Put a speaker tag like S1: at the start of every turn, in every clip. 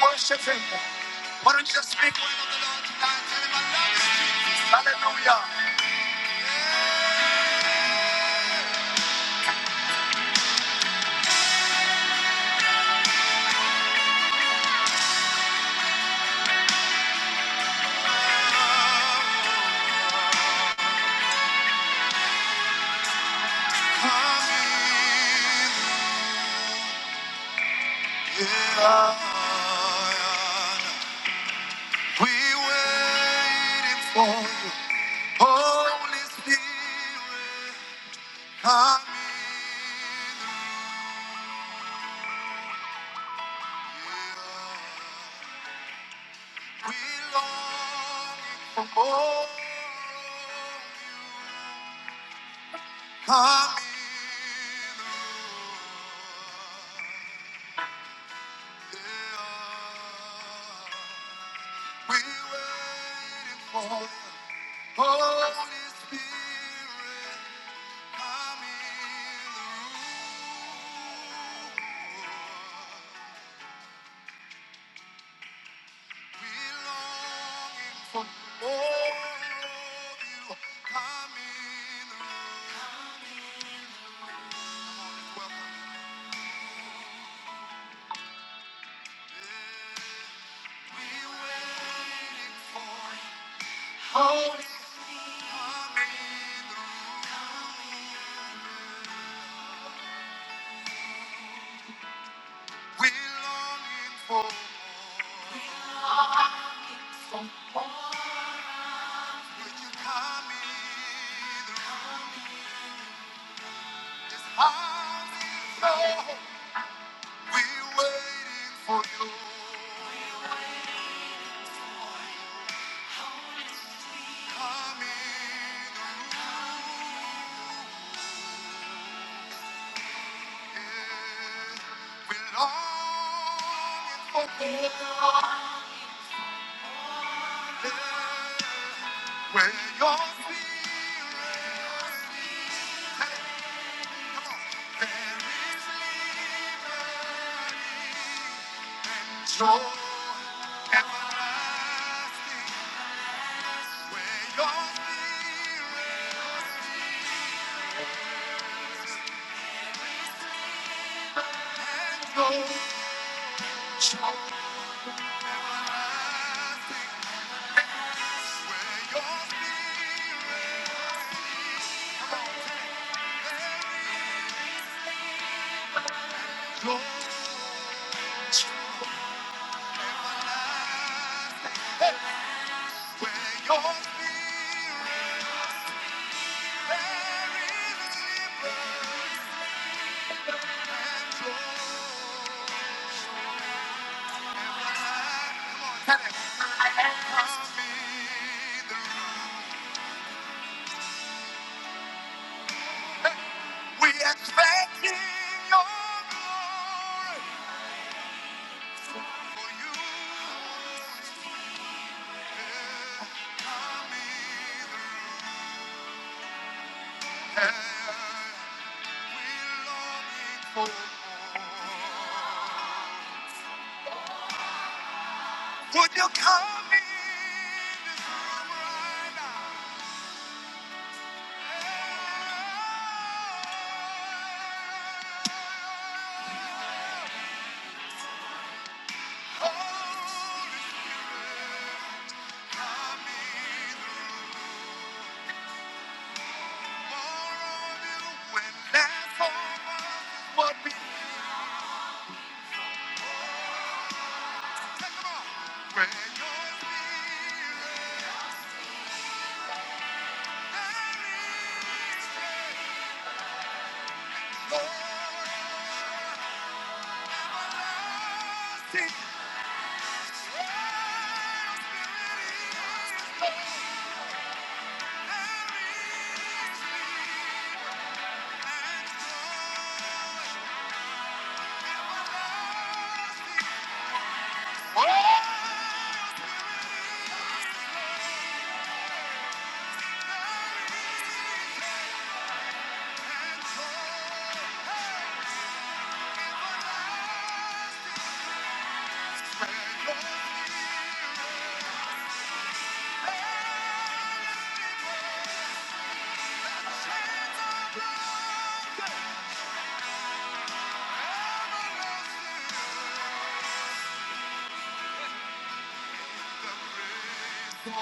S1: Worship him. Why don't you just speak loud to the Lord? Hallelujah. Come in here. We waiting for Holy Spirit. Come in. We long for more. Come in here. We waiting for Holy Spirit. I'm in for more of you. we're waiting for you. we're longing for more. we're waiting for you. yeah. Where your spirit there is liberty, joy everlasting. Where your spirit goes, joy rises. Where your spirit goes, rises. Where your spirit there is liberty, joy. Be the We expect your glory, for you see the land we longing for. Would you come in this room right now? Holy Spirit, come in the room. More of you and less of us is what we Where your spirit carries strength, Lord, everlasting.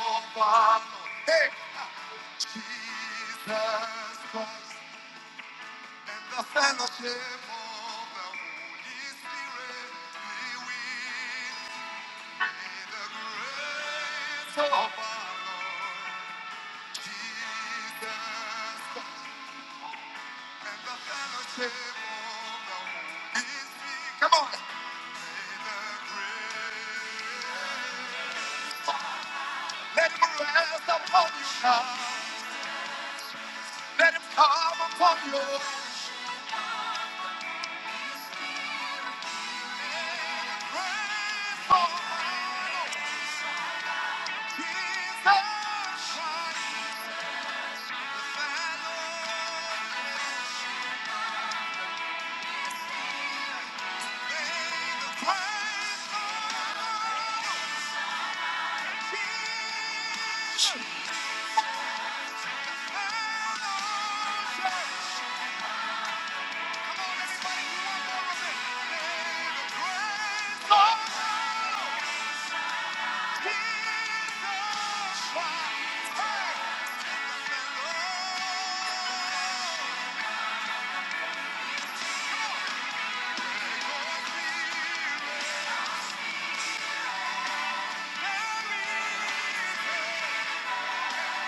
S1: Oh, Father, hey, and the fellowship of His Spirit be with us all. Jesus, and the fellowship of- Come on, let it rest upon you now. Let him come upon you. Praise the Jesus, shining banner. May the praise of Jesus shine. Come on, everybody, do one more with me. May the praise of Jesus shine.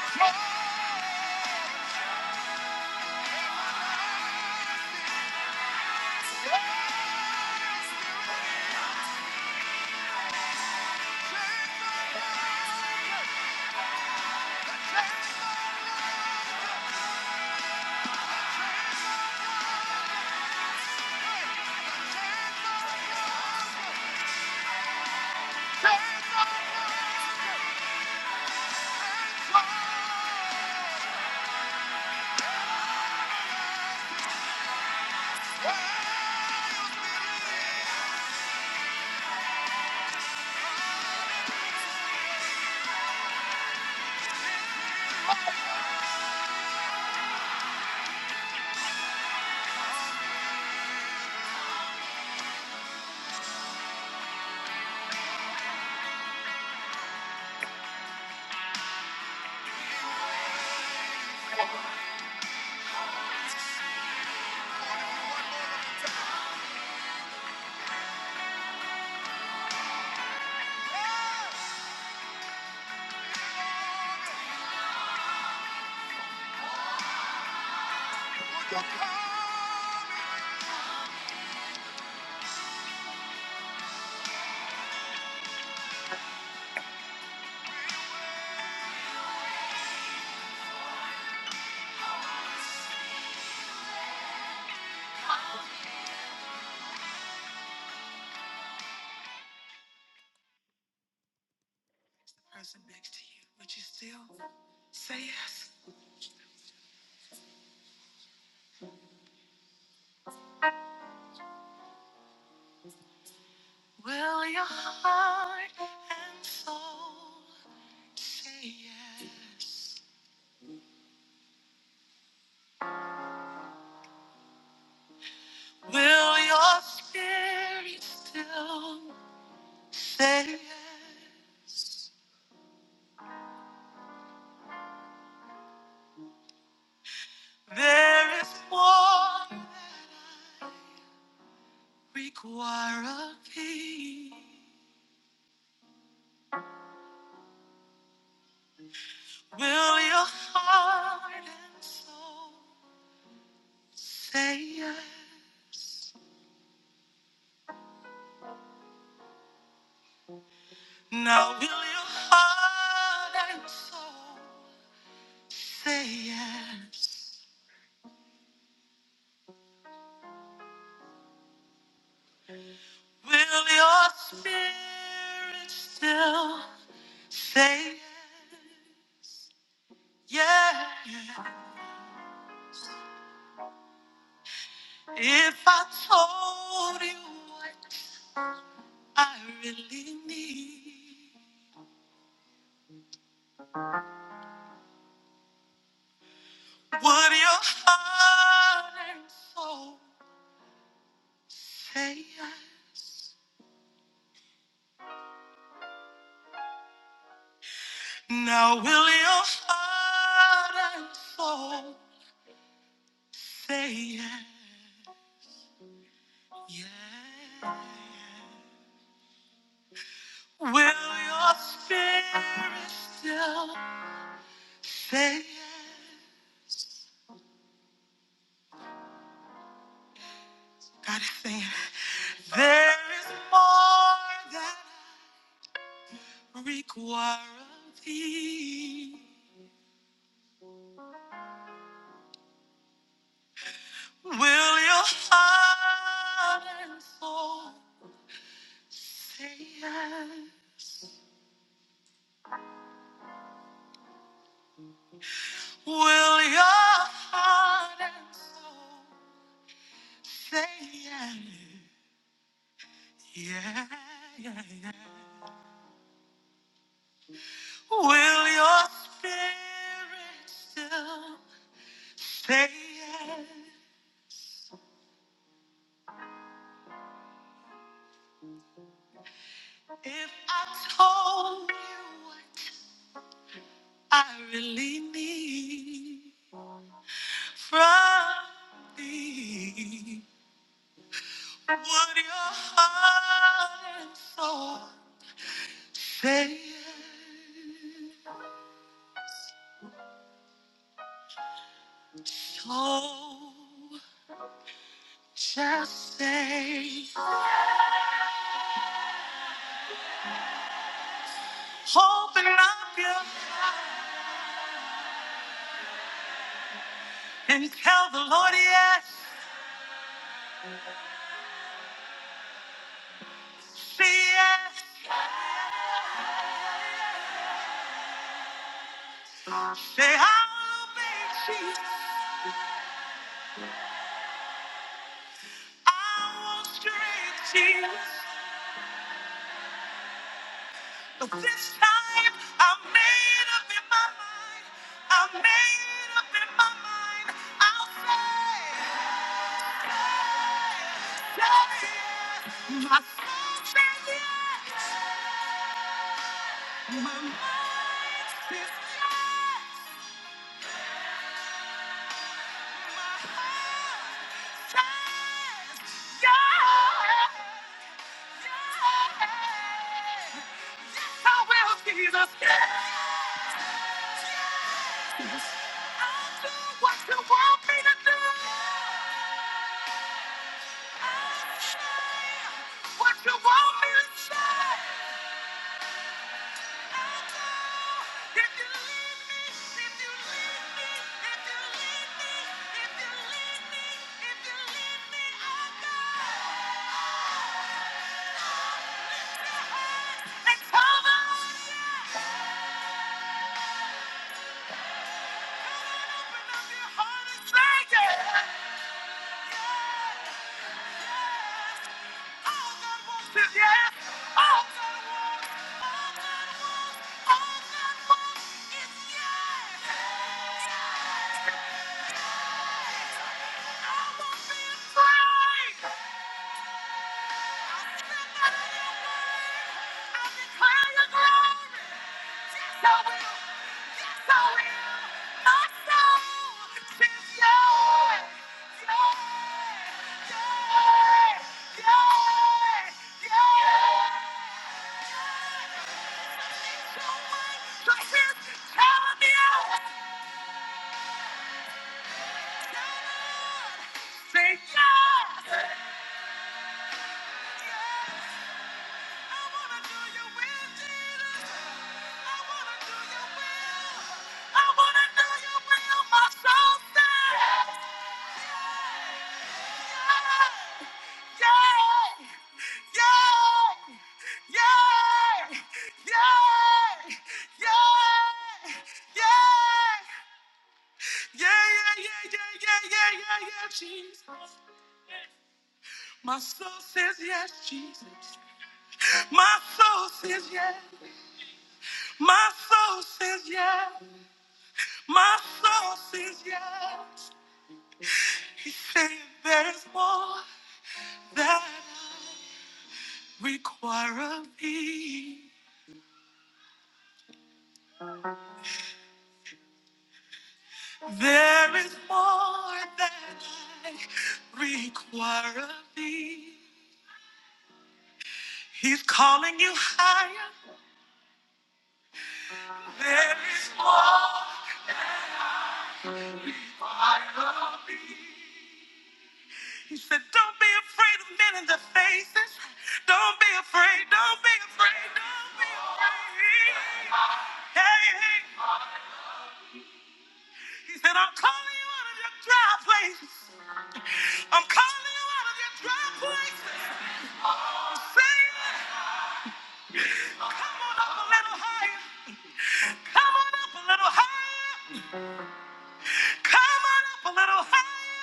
S1: Hey, glory. Person next to you, would you still say yes? Will your heart and soul say yes? Will your spirit still say yes? There is more that I require of thee. Will your heart and soul say yes? Now will your heart and soul say yes? Will your spirit still say yes? Yeah. If I told you what I really need, would your heart and soul say yes? Now will your heart and soul say yes? Yeah. Will your spirit still say yes? God is saying, there is more that I require of thee. Will your heart and soul say yes? Will your heart and soul say yes? Yeah, yeah, yeah. Will your spirit still say yes? If I told you what I really need from thee, would your heart and soul say yes? Oh, just say, open up your and tell the Lord yes, say yes, say I'll obey Jesus. I will straight Jesus. But this time I made up in my mind. I made up in my mind. I'll say, yeah, yeah. I will, Jesus. Yes. Do what you want me to do. I'll say What you want me to say. I'll Yeah! Say yes! Yes! I wanna do your will, Jesus! Yeah! Yeah, yeah, yeah, yeah, yeah, yeah, yeah, yeah, Jesus. My soul says yes, Jesus. My soul says yes. My soul says yes. My soul says yes. He said there's more that I require of thee. There is more that I require of thee. He's calling you higher. There is more. He said, Don't be afraid of men in the faces. Don't be afraid. Don't be afraid. Don't be afraid. Hey, hey. He said, I'm calling you out of your dry places. I'm calling you out of your dry places. Come on up a little higher. Come on up a little higher. Come on up a little higher.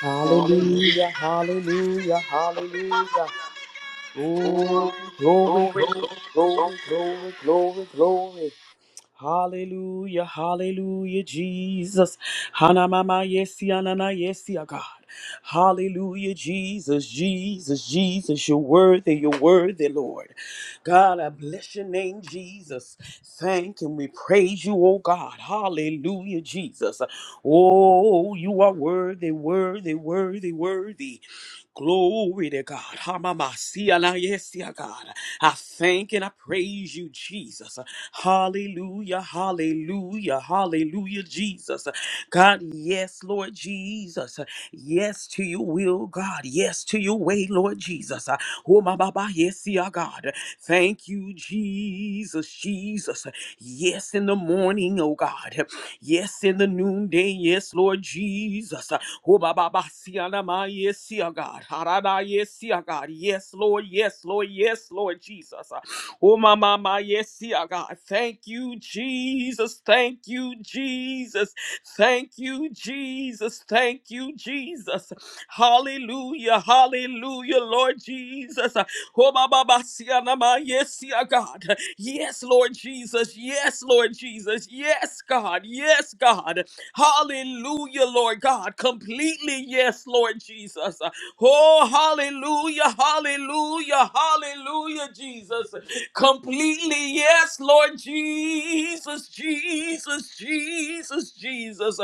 S2: Hallelujah, hallelujah, hallelujah. Glory, glory, glory, glory, glory, glory, glory. Hallelujah, hallelujah, Jesus. Hanamama yesi, anana yesi, ah, God. Hallelujah, Jesus, Jesus, Jesus. You're worthy, you're worthy, Lord. God, I bless your name, Jesus. Thank and we praise you, oh God. Hallelujah, Jesus. Oh, you are worthy, worthy, worthy, worthy. Glory to God. Hamamasia na yesia, God. I thank and I praise you, Jesus. Hallelujah, hallelujah, hallelujah, Jesus. God, yes, Lord Jesus. Yes to your will, God. Yes to your way, Lord Jesus. Oh, my Baba, yes, yeah, God. Thank you, Jesus, Jesus. Yes, in the morning, oh God. Yes, in the noonday. Yes, Lord Jesus. Oh, ba, ba, ba, see, ah, na, ma, Yes, see, ah, God. Ha, da, da, Yes, see, ah, God. Yes, Lord. Yes, Lord. Yes, Lord Jesus. Oh, ma ma ma, Yes, see, ah, God. Thank you, Jesus. Thank you, Jesus. Thank you, Jesus. Thank you, Jesus. Hallelujah. Hallelujah, Lord Jesus. Oh, ba ba ba, see, ah, na, ma, Yes, see, ah, God. Yes, Lord Jesus. Yes, Lord Jesus. Yes, God. Yes, God. Hallelujah, Lord God. Completely yes, Lord Jesus. Oh, hallelujah. Hallelujah. Hallelujah, Jesus. Completely yes, Lord Jesus. Jesus. Jesus. Jesus.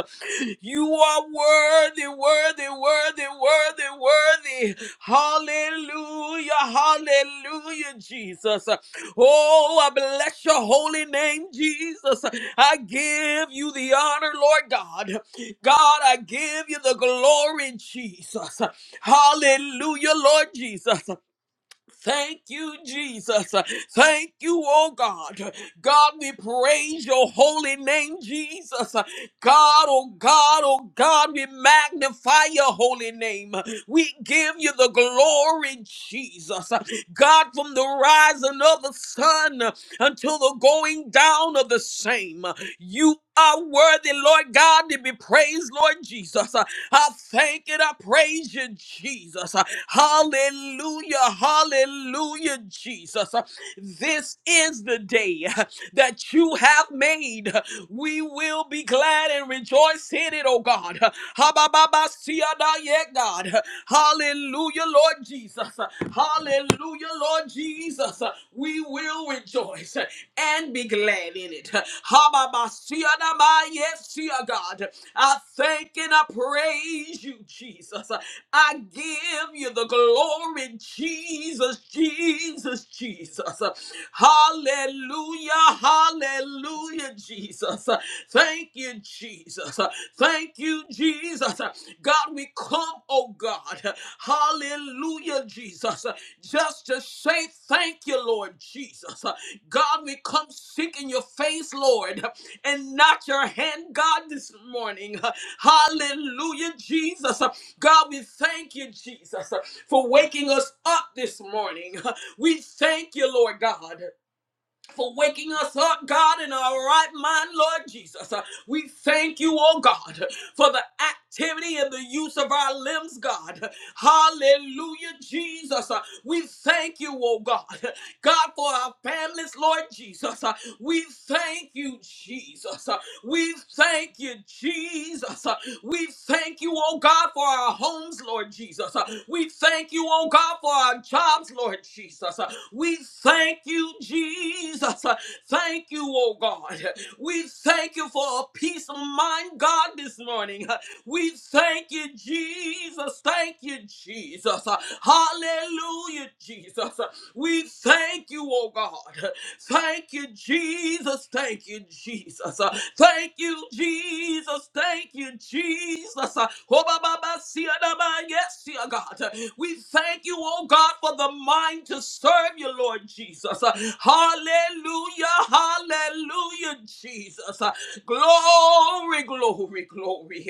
S2: You are worthy, worthy, worthy, worthy, worthy. Hallelujah, hallelujah, Jesus. Oh, I bless your holy name, Jesus. I give you the honor, Lord God. God, I give you the glory, Jesus. Hallelujah, Lord Jesus. Thank you, Jesus. Thank you, oh God. God, we praise your holy name, Jesus. God, oh God, oh God, we magnify your holy name. We give you the glory, Jesus. God, from the rising of the sun until the going down of the same, you are worthy, Lord God, to be praised, Lord Jesus. I thank and I praise you, Jesus. Hallelujah. Hallelujah, Jesus. This is the day that you have made. We will be glad and rejoice in it, oh God. Ha-ba-ba-ba-sia-da-ye, God. Hallelujah, Lord Jesus. Hallelujah, Lord Jesus. We will rejoice and be glad in it. Hababasiyanama, Yes, dear God. I thank and I praise you, Jesus. I give you the glory, Jesus, Jesus. Jesus, Jesus. Hallelujah, hallelujah, Jesus. Thank you, Jesus. Thank you, Jesus. God, we come, oh God. Hallelujah, Jesus. Just to say thank you, Lord. Lord Jesus. God, we come seeking your face, Lord, and not your hand, God, this morning. Hallelujah, Jesus. God, we thank you, Jesus, for waking us up this morning. We thank you, Lord God for waking us up, God, in our right mind, Lord Jesus. Uh, We thank you, oh God, for the activity and the use of our limbs, God. Hallelujah, Jesus. Uh, We thank you, oh God, God, for our families, Lord Jesus. Uh, We thank you, Jesus. Uh, We thank you, Jesus. Uh, we thank you, oh God, for our homes, Lord Jesus. Uh, We thank you, oh God, for our jobs, Lord Jesus. Uh, We thank you, Jesus. Uh, Thank you, oh God. We thank you for a peace of mind, God, this morning. Uh, We thank you, Jesus. Thank you, Jesus. Uh, Hallelujah, Jesus. Uh, we thank you, oh God. Thank you, Jesus. Thank you, Jesus. Uh, Thank you, Jesus. Thank you, Jesus. Uh, Oh, ba, ba, ba, see, ah, da, ba, yes, dear God. Uh, We thank you, oh God, for the mind to serve you, Lord Jesus. Jesus. Hallelujah, hallelujah, Jesus. Glory, glory, glory.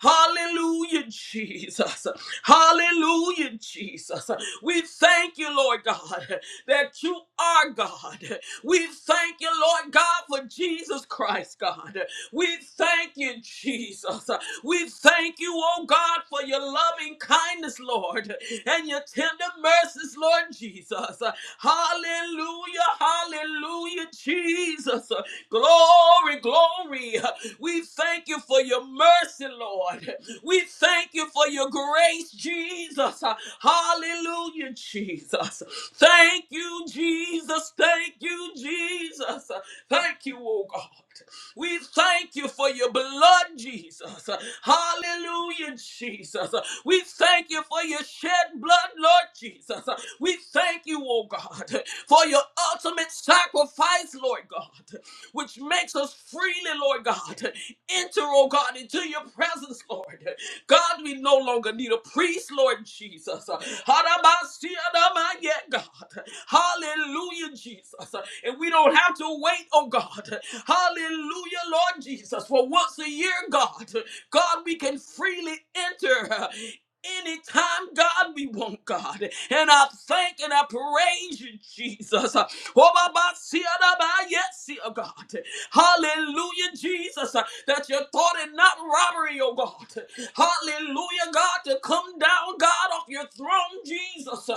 S2: Hallelujah, Jesus. Hallelujah, Jesus. We thank you, Lord God, that you are God. We thank you, Lord God, for Jesus Christ, God. We thank you, Jesus. We thank you, oh God, for your loving kindness, Lord, and your tender mercies, Lord Jesus. Hallelujah, hallelujah, Jesus. Glory, glory. We thank you for your mercy, Lord. We thank you for your grace, Jesus. Hallelujah, Jesus. Thank you, Jesus. Thank you, Jesus. Thank you, oh God. We thank you for your blood, Jesus. Hallelujah, Jesus. We thank you for your shed blood, Lord Jesus. We thank you, oh God, for your ultimate sacrifice, Lord God, which makes us freely, Lord God, enter, oh God, into your presence, Lord. God, we no longer need a priest, Lord Jesus. Hadabasiadamaya, God. Hallelujah, Jesus. And we don't have to wait, oh God. Hallelujah, Lord Jesus. For once a year, God, God, we can freely enter. Anytime, God, we want God. And I thank and I praise you, Jesus. Oh, my, my, see, oh, my, my, yes, see, oh, God. Hallelujah, Jesus, that you thought it not robbery, oh God. Hallelujah, God, to come down, God, off your throne, Jesus.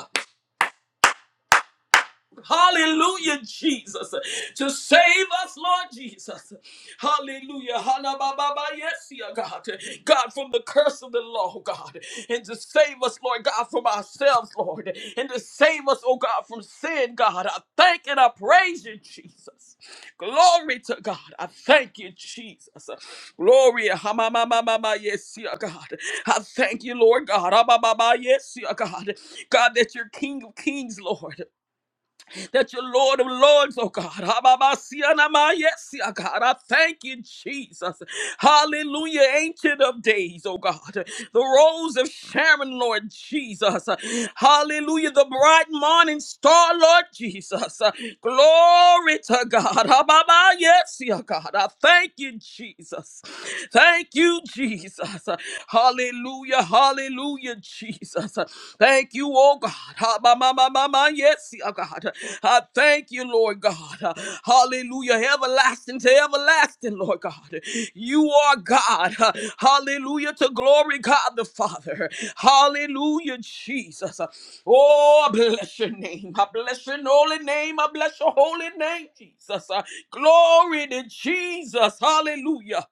S2: Hallelujah, Jesus. To save us, Lord Jesus. Hallelujah. Halababa, Yes, yeah, God. God, from the curse of the law, God. And to save us, Lord God, from ourselves, Lord. And to save us, oh God, from sin, God. I thank and I praise you, Jesus. Glory to God. I thank you, Jesus. Glory. Hamamamamama, Yes, yeah, God. I thank you, Lord God. Hamamama, Yes, yeah, God. God, that you're King of Kings, Lord that you're Lord of Lords, oh God. Hababasianama, Yes, yeah, God. I thank you, Jesus. Hallelujah, ancient of days, oh God. The rose of Sharon, Lord Jesus. Hallelujah, the bright morning star, Lord Jesus. Glory to God. Hababa, Yes, yeah, God. I thank you, Jesus. Thank you, Jesus. Hallelujah, hallelujah, Lord Jesus. Thank you, oh God. Ha, ma, ma, ma, ma, ma, Yes, oh God. I thank you, Lord God. Hallelujah. Everlasting to everlasting, Lord God. You are God. Hallelujah to glory, God the Father. Hallelujah, Jesus. Oh, I bless your name. I bless your holy name. I bless your holy name, Jesus. Glory to Jesus. Hallelujah.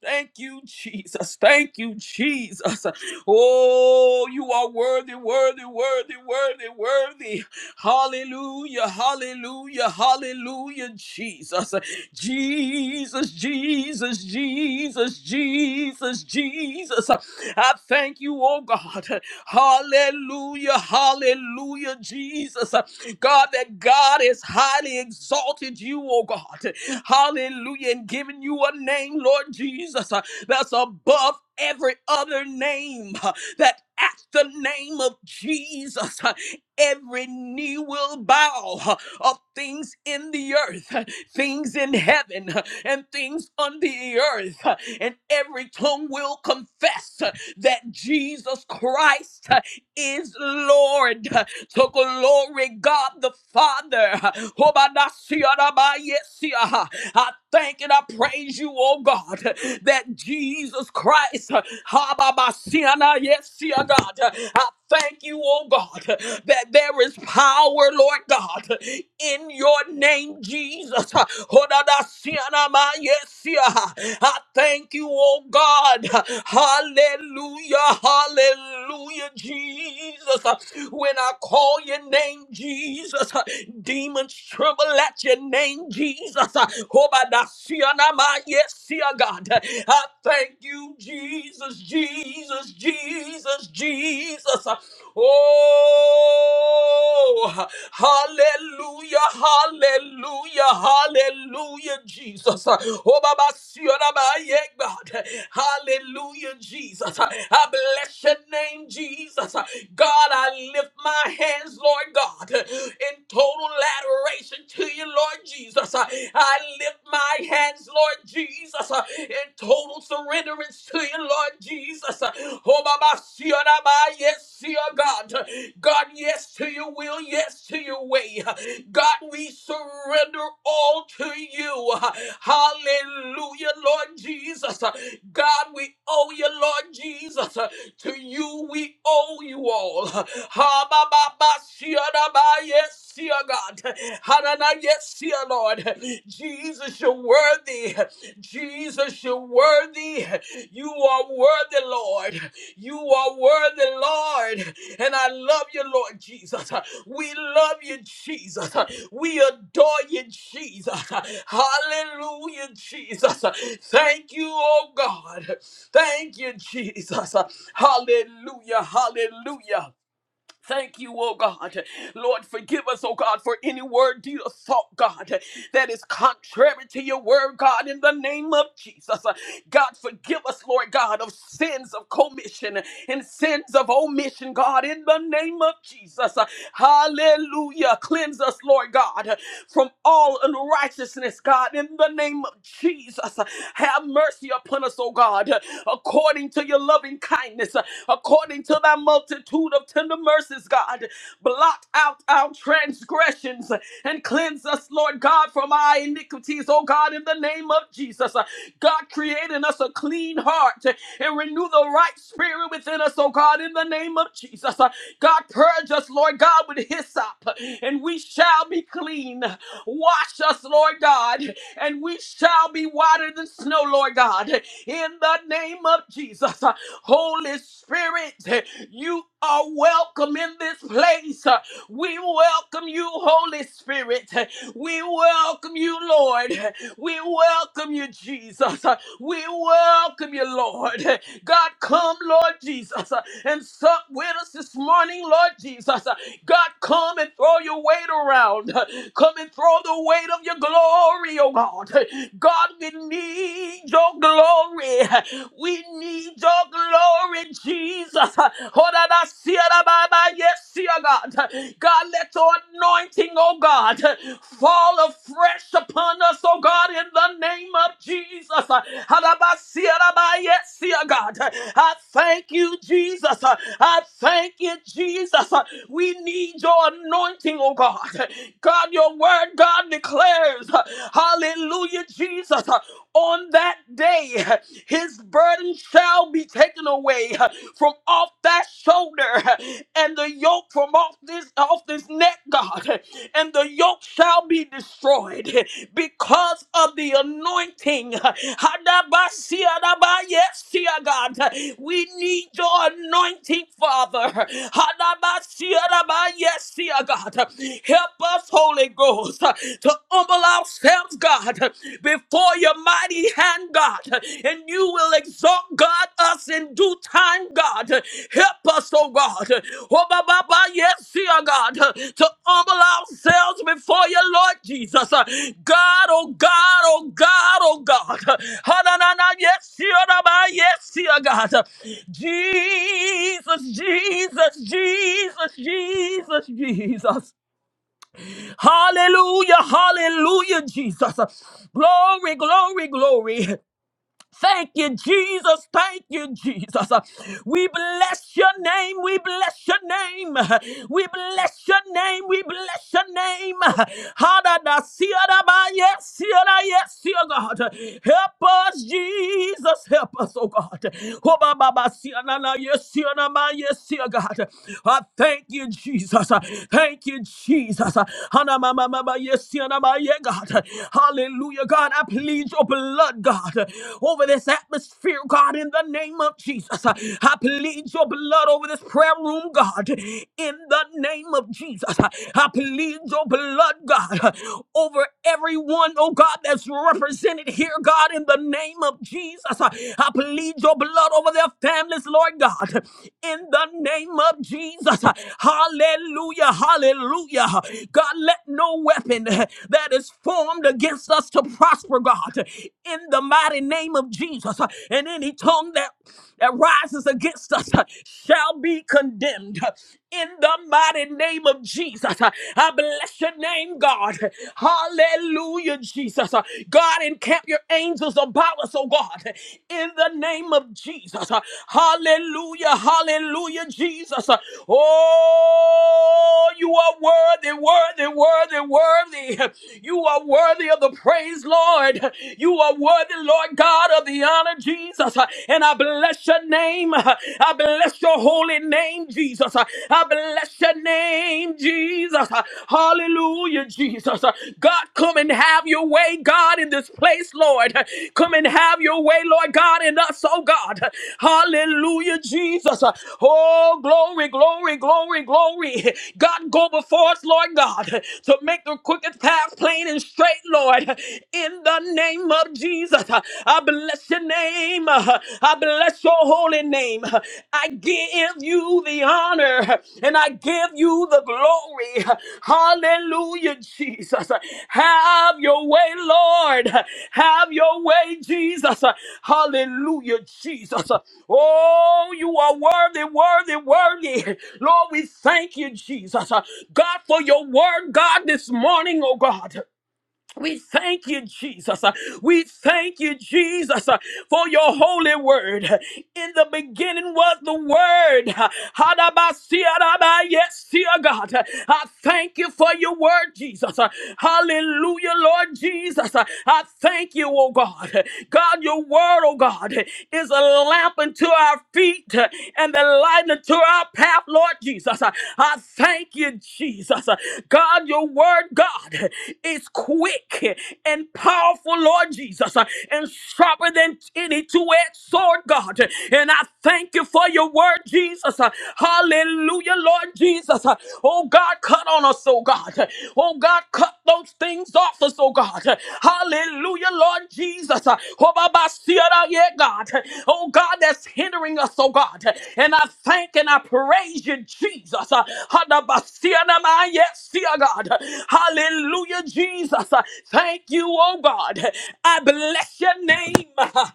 S2: Thank you, Jesus. Thank you, Jesus. Oh, you are worthy, worthy, worthy, worthy, worthy. Hallelujah, hallelujah, hallelujah, Jesus. Jesus, Jesus, Jesus, Jesus, Jesus. I thank you, oh God. Hallelujah, hallelujah, Jesus. God, that God has highly exalted you, oh God. Hallelujah. And giving you a name, Lord Jesus, uh, that's above every other name. uh, That at the name of Jesus, uh, every knee will bow uh, of things in the earth, uh, things in heaven, uh, and things on the earth. uh, And every tongue will confess uh, that Jesus Christ uh, is Lord. uh, To glory God the Father. Hobadasiarabayesia. I thank and I praise you, oh God, that Jesus Christ, uh, ha, ba, ba, si, ah, nah, yes, see, oh God, I thank you, oh God, that there is power, Lord God, in your name, Jesus. Oh, da, da, si, ah, nah, ma, yes, see, ah. I thank you, oh God. Hallelujah, hallelujah, Jesus. When I call your name, Jesus, uh, demons tremble at your name, Jesus. Uh, Obadasianama, Yes, dear God. Uh, I thank you, Jesus, Jesus, Jesus, Jesus. Uh, Oh, hallelujah, hallelujah, hallelujah, Jesus. Oh, Baba, tonight, God. Hallelujah, Jesus. I bless your name, Jesus. God, I lift my hands, Lord God, in total adoration to you, Lord Jesus. I lift my hands, Lord Jesus, in total surrenderance to you, Lord Jesus. Oh, Baba, see you, Baba. yes, see you, God. God, yes to your will, yes to your way. God, we surrender all to you. Hallelujah, Lord Jesus. God, we owe you, Lord Jesus. To you we owe you all. Ha, ba, ba, ba, sia, da, ba, Yes, dear God. Ha, na, na, yes, dear Lord. Jesus, you're worthy. Jesus, you're worthy. You are worthy, Lord. You are worthy, Lord. And I love you, Lord Jesus. We love you, Jesus. We adore you, Jesus. Hallelujah, Jesus. Thank you, oh God. Thank you, Jesus. Hallelujah. Hallelujah. Thank you, oh God. Lord, forgive us, oh God, for any word, deed, or thought, God, that is contrary to your word, God, in the name of Jesus. God, forgive us, Lord God, of sins of commission and sins of omission, God, in the name of Jesus. Hallelujah. Cleanse us, Lord God, from all unrighteousness, God, in the name of Jesus. Have mercy upon us, O God, according to your loving kindness, according to thy multitude of tender mercies, God. Blot out our transgressions and cleanse us, Lord God, from our iniquities, O God, in the name of Jesus. God, create in us a clean heart and renew the right spirit within us, O God, in the name of Jesus. God, purge us, Lord God, with hyssop, and we shall be clean. Wash us, Lord God, and we shall be whiter than snow, Lord God. In the name of Jesus, Holy Spirit, you are welcome in this place. We welcome you, Holy Spirit. We welcome you, Lord. We welcome you, Jesus. We welcome you, Lord. God, come, Lord Jesus and sup with us this morning, Lord Jesus. God, come and throw your weight around. Come and throw the weight of your glory, oh God. God, we need your glory. We need your glory, Jesus. Hold on, I see it, Baba. Yes, see it, God. God, let your anointing, oh God, fall afresh upon upon us, oh God, in the name of Jesus. Halabasiarabayesia, God. I thank you, Jesus. I thank you, Jesus. We need your anointing, oh God. God, your word, God declares, hallelujah, Jesus on that day, his burden shall be taken away from off that shoulder and the yoke from off this off this neck, God. And the yoke shall be destroyed because of the anointing. Hadabasiadabaye, Yes, dear God, we need your anointing, Father. Hadabasiadabaye, Yes, dear God, help us, Holy Ghost, to humble ourselves, God, before your mighty hand, God, and you will exalt, God, us in due time, God. Help us, oh God. Oh, ba, ba, ba, yes, dear God, to humble ourselves before you, Lord Jesus. God, oh God, oh God, oh God. Ha, na, na, na, Yes, dear, na, ba, yes, dear God. Jesus, Jesus, Jesus, Jesus, Jesus, Jesus. Hallelujah, hallelujah, Jesus. Glory, glory, glory. Thank you, Jesus. Thank you, Jesus. We bless your name. We bless your name. We bless your name. We bless your name. Hadada siada ba yes, siada yes, dear God. Help us, Jesus. Help us, oh God. Hoba baba siana na yes, siana ma yes, dear God. I thank you, Jesus. Thank you, Jesus. Hana mama mama yes, siana ma yeah, God. Hallelujah, God. I plead your blood, God. God, over this atmosphere, God, in the name of Jesus. I plead your blood over this prayer room, God, in the name of Jesus. I plead your blood, God, over everyone, oh God, that's represented here, God, in the name of Jesus. I plead your blood over their families, Lord God, in the name of Jesus. Hallelujah, hallelujah. God, let no weapon that is formed against us to prosper, God in the mighty name of Jesus. And any tongue that, that rises against us shall be condemned in the mighty name of Jesus. I bless your name, God. Hallelujah, Jesus. God, encamp your angels about us, oh God, in the name of Jesus. Hallelujah, hallelujah, Jesus. Oh, you are worthy, worthy, worthy, worthy. You are worthy of the praise, Lord. Lord. You are worthy, Lord God, of the honor, Jesus. And I bless your name. I bless your holy name, Jesus. I bless your name, Jesus. Hallelujah, Jesus. God, come and have your way, God, in this place, Lord. Come and have your way, Lord God, in us, oh God. Hallelujah, Jesus. Oh, glory, glory, glory, glory. God, go before us, Lord God, to make the crooked path plain and straight, Lord, in the name of Jesus. I bless your name. I bless your holy name. I give you the honor and I give you the glory. Hallelujah, Jesus. Have your way, Lord. Have your way, Jesus. Hallelujah, Jesus. Oh, you are worthy, worthy, worthy. Lord, we thank you, Jesus. God, for your word, God, this morning, oh God. We thank you, Jesus. Uh, We thank you, Jesus, uh, for your holy word. In the beginning was the word. Hadabasiadaba, Yes, dear God. Uh, I thank you for your word, Jesus. Uh, Hallelujah, Lord Jesus. Uh, I thank you, oh God. God, your word, oh God, is a lamp unto our our feet uh, and the light unto our path, Lord Jesus. Uh, I thank you, Jesus. Uh, God, your word, God, is quick and powerful, Lord Jesus, uh, and sharper than any two-edged sword, God. And I thank you for your word, Jesus. Uh, Hallelujah, Lord Jesus. Uh, Oh God, cut on us, oh God. God. Oh God, cut those things off us, oh God. Hallelujah, Lord Jesus. Oh Baba, see it out, yeah, God. Oh God, that's hindering us, oh God. And I thank and I praise you, Jesus. Hadaba, see it out, my, Yes, see it, God. Hallelujah, Jesus. Thank you, oh God. I bless your name.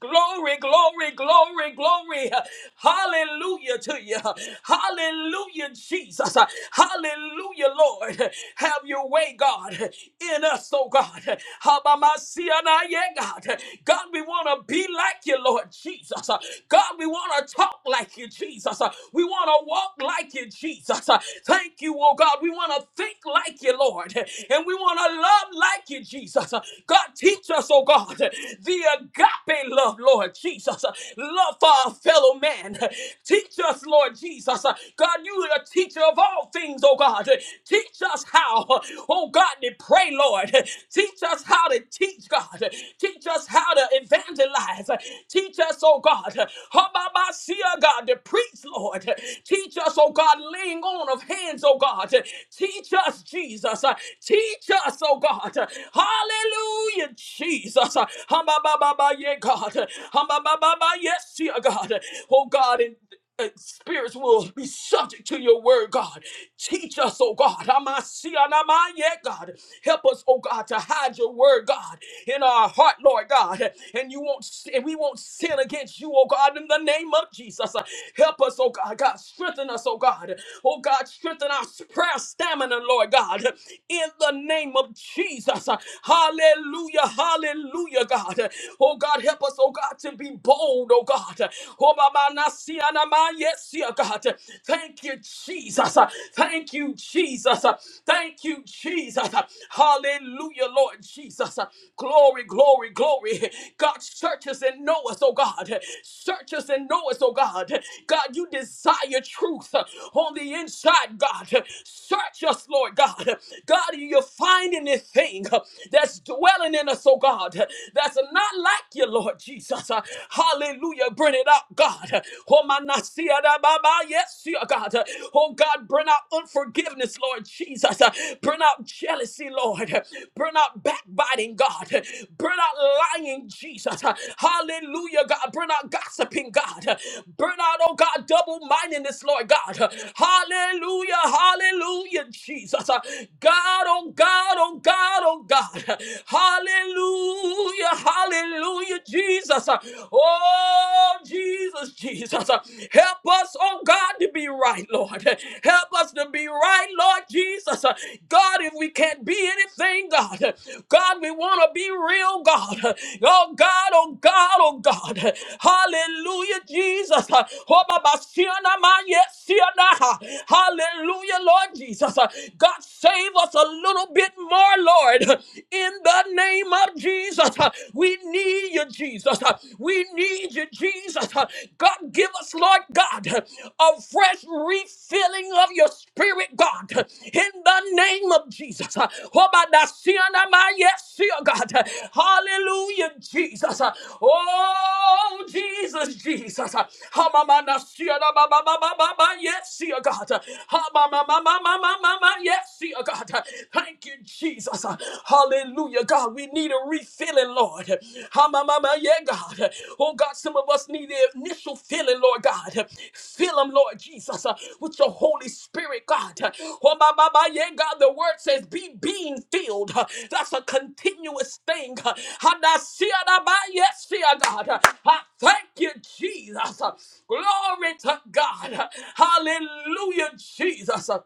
S2: Glory, glory, glory, glory. Hallelujah to you. Hallelujah, Jesus. Hallelujah, Lord. Have your way, God, in us, oh God. Habamasianaye, God. God, we want to be like you, Lord Jesus. God, we want to talk like you, Jesus. We want to walk like you, Jesus. Thank you, oh God. We want to think like you, Lord. And we want to love like you, Jesus. God, teach us, oh God, the the agape love, Lord Jesus, uh, love for our fellow man. Teach us, Lord Jesus, uh, God, you are the teacher of all things, oh God. Teach us how, uh, oh God, to pray, Lord. Teach us how to teach, God. Teach us how to evangelize. Teach us, oh God, Hababasia, God, to preach, Lord. Teach us, oh God, laying on of hands, oh God. Teach us, Jesus. Teach us, oh God. Hallelujah, Jesus. Jesus. Hamba yeah, God. Hamba yes, dear God. Oh God, and uh, spirits will be subject to your word, God. Teach us, oh God. Amasianama, yeah, God. Help us, oh God, to hide your word, God, in our heart, Lord God. And you won't and we won't sin against you, oh God, in the name of Jesus. Help us, oh God. God, strengthen us, oh God. Oh God, strengthen our prayer stamina, Lord God. In the name of Jesus. Hallelujah. Hallelujah. Hallelujah, God. Oh, God, help us, oh, God, to be bold, oh, God. Oh, Baba, nasi, anama, yes, yeah, God. Thank you, Jesus. Thank you, Jesus. Thank you, Jesus. Hallelujah, Lord Jesus. Glory, glory, glory. God, search us and know us, oh, God. Search us and know us, oh, God. God, you desire truth on the inside, God. Search us, Lord God. God, you find anything uh, that's dwelling in us, oh God, that's not like you, Lord Jesus. Uh, Hallelujah. Bring it out, God. Oh, my nasia da ba Yes, dear God. Oh, God, bring out unforgiveness, Lord Jesus. Uh, Bring out jealousy, Lord. Bring out backbiting, God. Bring out lying, Jesus. Hallelujah, God. Bring out gossiping, God. Bring out, oh God, double mindedness, Lord God. Hallelujah, hallelujah, Jesus. God, oh God oh God, oh God. Hallelujah, hallelujah, Jesus. Oh, Jesus, Jesus. Help us, oh God, to be right, Lord. Help us to be right, Lord Jesus. God, if we can't be anything, God, God, we want to be real, God. Oh God, oh God, oh God. Hallelujah, Jesus. Oh, Baba, Siona, Ma, yes, Siona. Hallelujah, Lord Jesus. God, save us us a little bit more, Lord, in the name of Jesus. We need you, Jesus. We need you, Jesus. God, give us, Lord God, a fresh refilling of your spirit, God, in the name of Jesus. Oh, by the sin of my yes, see, oh, God. Hallelujah, Jesus. Oh, Jesus, Jesus. Ha, ma, ma, na, see, oh, ba, ba, ba, ba, ba, ba, Yes, see, oh, God. Ha, ma, ma, ma, ma, ma, ma, ma, ma, Yes, see, oh God. Thank you, Jesus. Hallelujah, God. We need a refilling, Lord. Ha, ma, ma, ma, Yeah, God. Oh, God, some of us need the initial filling, Lord God. Fill them, Lord Jesus, uh, with your Holy Spirit, God. Oh, ma, ma, ma, yeah, God. The word says, be being filled. Uh, That's a continuous thing. Ha, da, see, ah, da, ba, Yes, see, ah, God. Uh, I thank you, Jesus. Uh, Glory to God. Uh, Hallelujah, Jesus. Uh,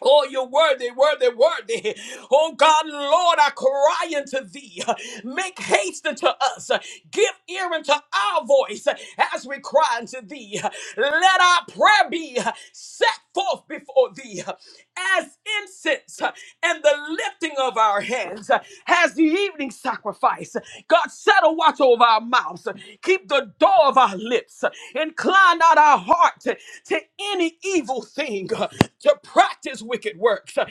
S2: Oh, you're worthy, worthy, worthy. Oh, God, Lord, I cry unto thee. Make haste unto us. Give ear unto our voice as we cry unto thee. Let our prayer be set forth before thee as incense and the lifting of our hands as the evening sacrifice. God, set a watch over our mouths. Keep the door of our lips. Incline not our heart to any evil thing. uh, to practice wicked works. uh,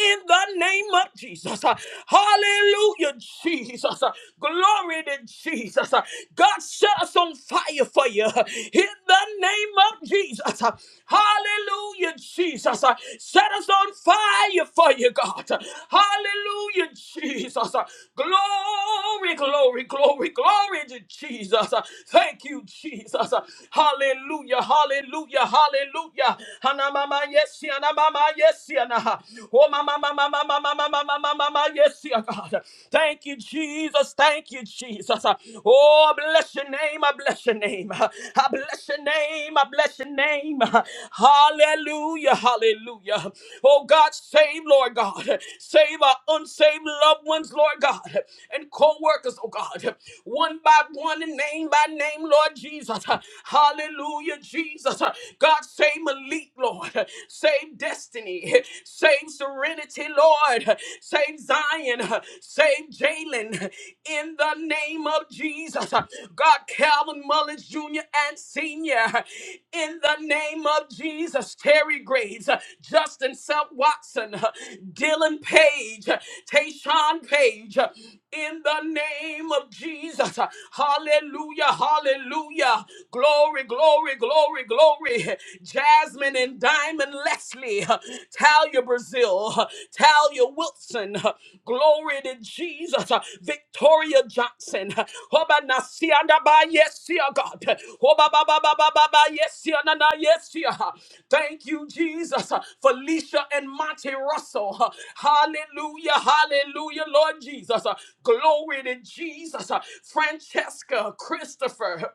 S2: In the name of Jesus. Uh, Hallelujah, Jesus. Uh, Glory to Jesus. Uh, God set us on fire for you. uh, In the name of Jesus. Uh, Hallelujah, Jesus. Uh, Set us on fire for you, God. Uh, Hallelujah, Jesus. Uh, Glory, glory, glory, glory to Jesus. Uh, Thank you, Jesus. Uh, Hallelujah, hallelujah, hallelujah. Hallelujah. Hanamama yes, yanamama yes, yanaha. Oh, mama, mama, mama, mama, mama, mama, mama, yes, ya God. Thank you, Jesus. Thank you, Jesus. Oh, I bless your name. I bless your name. I bless your name. I bless your name. Hallelujah. Hallelujah. Oh, God, save, Lord God. Save our unsaved loved ones, Lord God, and co workers, oh God. One by one and name by name, Lord Jesus. Hallelujah, Jesus. Jesus. God, save Malik, Lord. Save destiny. Save serenity, Lord. Save Zion. Save Jalen. In the name of Jesus. God, Calvin Mullins Jr. and Sr. In the name of Jesus. Terry Graves. Justin Self Watson. Dylan Page. Tayshawn Page. In the name of Jesus. Hallelujah. Hallelujah. Glory glory, glory, glory, glory. Jasmine and Diamond Leslie, Talia Brazil, Talia Wilson, glory to Jesus, Victoria Johnson, Hoba nasianda ba yes, ya God. Hoba ba ba ba ba ba ba yes, ya na na yes, ya. Thank you, Jesus, Felicia and Monty Russell. Hallelujah, hallelujah, Lord Jesus. Glory to Jesus, Francesca, Christopher.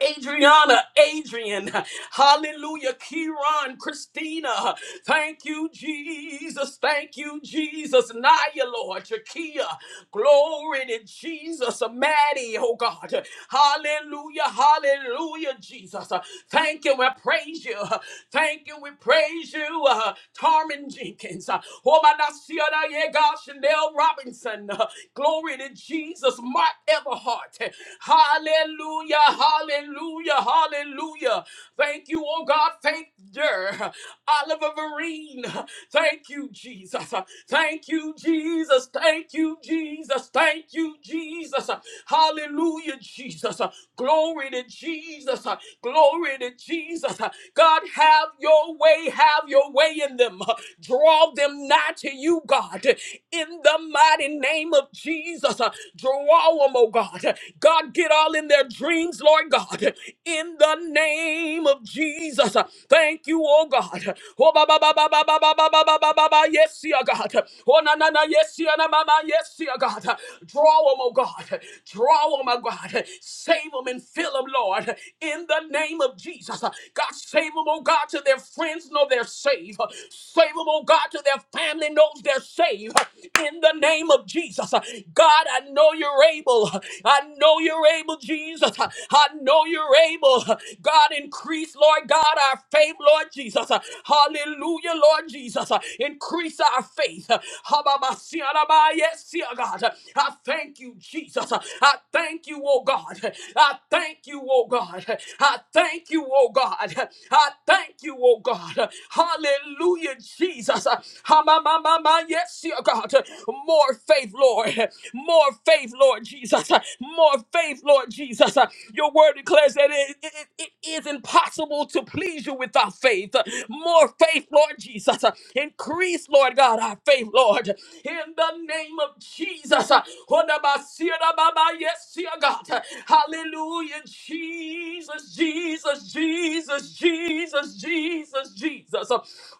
S2: Adriana, Adrian, hallelujah, Kieran, Christina, thank you, Jesus, thank you, Jesus, Naya, Lord, Jakia, glory to Jesus, Maddie, oh God, hallelujah, hallelujah, Jesus. Uh, Thank you. We praise you. Uh, Thank you. We praise you. Uh, Tarmin Jenkins. Uh, Oh, my God. Sienna, yeah, God, Chanel Robinson. Uh, Glory to Jesus. Mark Everhart. Uh, Hallelujah. Hallelujah. Hallelujah. Thank you, oh God. Thank you. Oliver Vereen. Thank you, Jesus. Thank you, Jesus. Thank you, Jesus. Thank you, Jesus. Hallelujah, Jesus. Glory to Jesus. Glory to Jesus. God, have your way. Have your way in them. Draw them nigh to you, God in the mighty name of Jesus. Uh, Draw them, oh God. God, get all in their dreams, Lord God, in the name of Jesus. Uh, Thank you, oh God. Oh, ba, ba, ba, ba, ba, ba, ba, ba, ba, ba, ba, ba, ba, yes, dear God. Oh, na, na, na, yes, dear na, ma, ma, yes, dear God. Draw them, oh God. Draw them, oh God. Save them and fill them, Lord, in the name of Jesus. uh, God, save them, oh God, till their friends know they're saved. Save them, oh God, till their family knows they're saved. In the name of Jesus. God, I know you're able. I know you're able, Jesus. I know you're able. God, increase, Lord God, our faith, Lord Jesus. Hallelujah, Lord Jesus. Increase our faith. Yes, God. I thank you, Jesus. I thank you, oh God. I thank you, oh God. I thank you, oh God. I thank you, oh God. Hallelujah, Jesus. Ha, ma, ma, ma, ma. Yes, dear God. More faith, Lord. More faith, Lord Jesus. More faith, Lord Jesus. Your word declares that it, it, it is impossible to please you without faith. More faith, Lord Jesus. Increase, Lord God, our faith, Lord. In the name of Jesus. Yes, dear God. Hallelujah, Jesus, Jesus, Jesus, Jesus, Jesus, Jesus.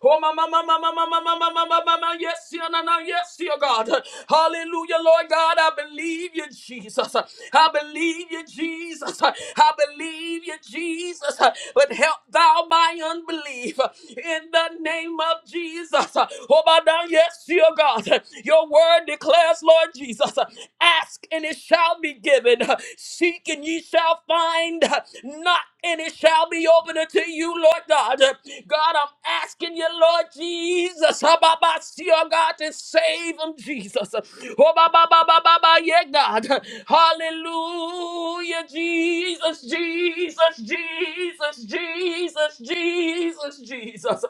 S2: Oh, my, my, my, my, my, my, my, my, my, my, my, my, yes, yeah, no, no, yes, yeah, God. Hallelujah, Lord God, I believe you, Jesus. I believe you, Jesus. I believe you, Jesus. But help thou my unbelief in the name of Jesus. Oh, my, now, yes, yeah, God. Your word declares, Lord Jesus, ask and it shall be given. Seek and ye shall find. Knock and it shall be open unto you, Lord God. God, I'm asking you, Lord Jesus, ah, ba, ba, see, oh God, to save them, Jesus. Oh, ba, ba, ba, ba, ba, ba, yeah, God. Hallelujah, Jesus, Jesus, Jesus, Jesus, Jesus, Jesus.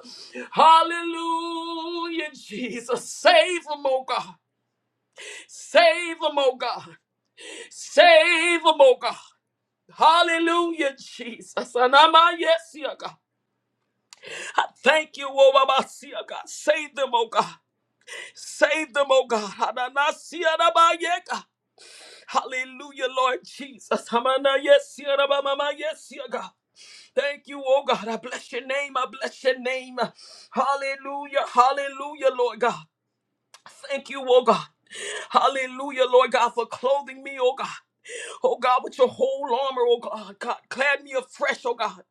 S2: Hallelujah, Jesus. Save them, oh God. Save them, oh God. Save them, oh God. Hallelujah, Jesus. And I'm a yes, yeah, God. I thank you, oh Baba, see, oh, God. Save them, oh God. Save them, oh God. Ananasia, Rabba, yeah, God. Hallelujah, Lord Jesus. Hamana, yes, yeah, Rabba, Mama, yes, yeah, God. Thank you, oh God. I bless your name. I bless your name. Hallelujah. Hallelujah, Lord God. Thank you, oh God. Hallelujah, Lord God, for clothing me, oh God. Oh God, with your whole armor, oh God, God, clad me afresh, oh God,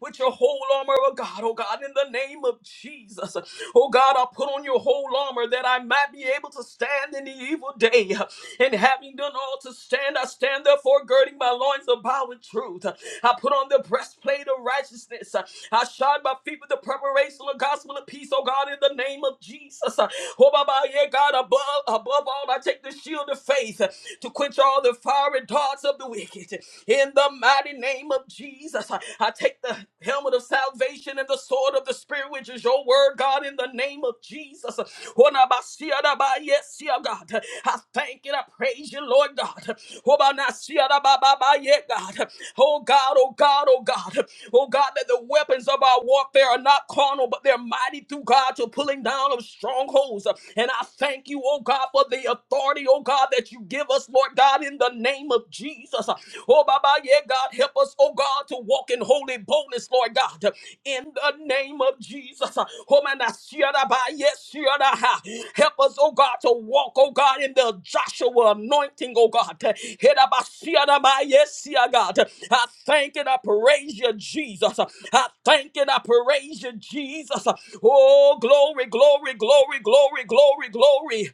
S2: with your whole armor, oh God, oh God, in the name of Jesus. Oh God, I put on your whole armor that I might be able to stand in the evil day. And having done all to stand, I stand therefore girding my loins about with truth. I put on the breastplate of righteousness. I shod my feet with the preparation of the gospel of peace, oh God, in the name of Jesus. Oh Baba, yeah, God, above, above all, I take the shield of faith to quench all the fiery darts of the wicked. In the mighty name of Jesus, I take Take the helmet of salvation and the sword of the Spirit, which is your word, God, in the name of Jesus. Onabasiadaba, Yes, yeah, God. I thank and I praise you, Lord God. Obanasiadababa, yeah, God. Oh God, oh God, oh God. Oh God, that the weapons of our warfare are not carnal, but they're mighty through God to pulling down of strongholds. And I thank you, oh God, for the authority, oh God, that you give us, Lord God, in the name of of Jesus. Oh, Baba, yeah, God, help us, oh God, to walk in holy boldness, Lord God, in the name of Jesus. Oh, man, I see it, Abba, yes, see it, ah. Help us, oh God, to walk, oh God, in the Joshua anointing, oh God. Hit up, I see it, Abba, yes, see it, God. I thank and I praise you, Jesus. I thank and I praise you, Jesus. Oh, glory, glory, glory, glory, glory, glory.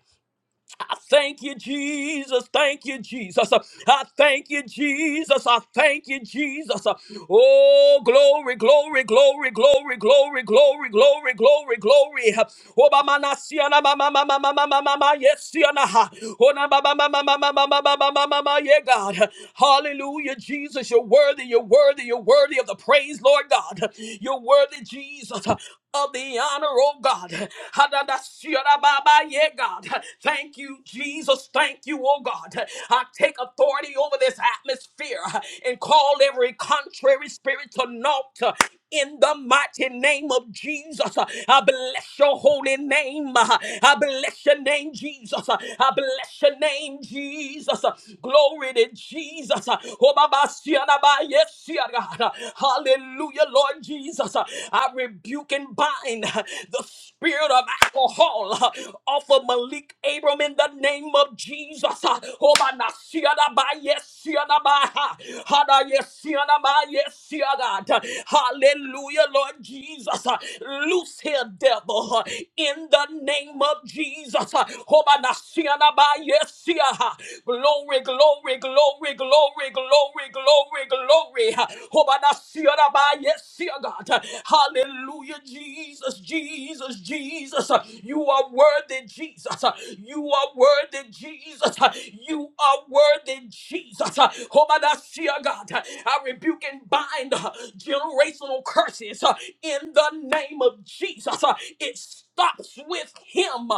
S2: I thank you, Jesus. Thank you, Jesus. I thank you, Jesus. I thank you, Jesus. Oh, glory, glory, glory, glory, glory, glory, glory, glory, glory. Oh, ba ma na si ya na ma ma ma ma ma ma ma ma ma yes si ya na ha. Oh, na ba ba ma ma ma ma ma ma ma ma ma ma ma yeah, God. Hallelujah, Jesus. You're worthy. You're worthy. You're worthy of the praise, Lord God. You're worthy, Jesus of the honor honor, oh God. Hadadashirababa, God. Thank you, Jesus. Thank you, oh God. I take authority over this atmosphere and call every contrary spirit to naught in the mighty name of Jesus. I bless your holy name. I bless your name, Jesus. I bless your name, Jesus. Glory to Jesus. Oh, Baba, Siana, Ba, yes, Siana. Hallelujah, Lord Jesus. I rebuke and bind the spirit of alcohol off of Malik Abram in the name of Jesus. Oh, my, na- siya na ba, yes, siya na ba, ha. Hada, yes, siya na ba, yes, siya God. Hallelujah, Lord Jesus. Loose here, devil, in the name of Jesus. Oh, my, na- siya na ba, yes, siya, ha. Glory, glory glory, glory, glory, glory, glory, glory. yes, see, God. Hallelujah, Jesus, Jesus, Jesus. You are worthy, Jesus. You are worthy, Jesus. You are worthy, Jesus. Hobadasiya, God. I rebuke and bind generational curses in the name of Jesus. It stops with him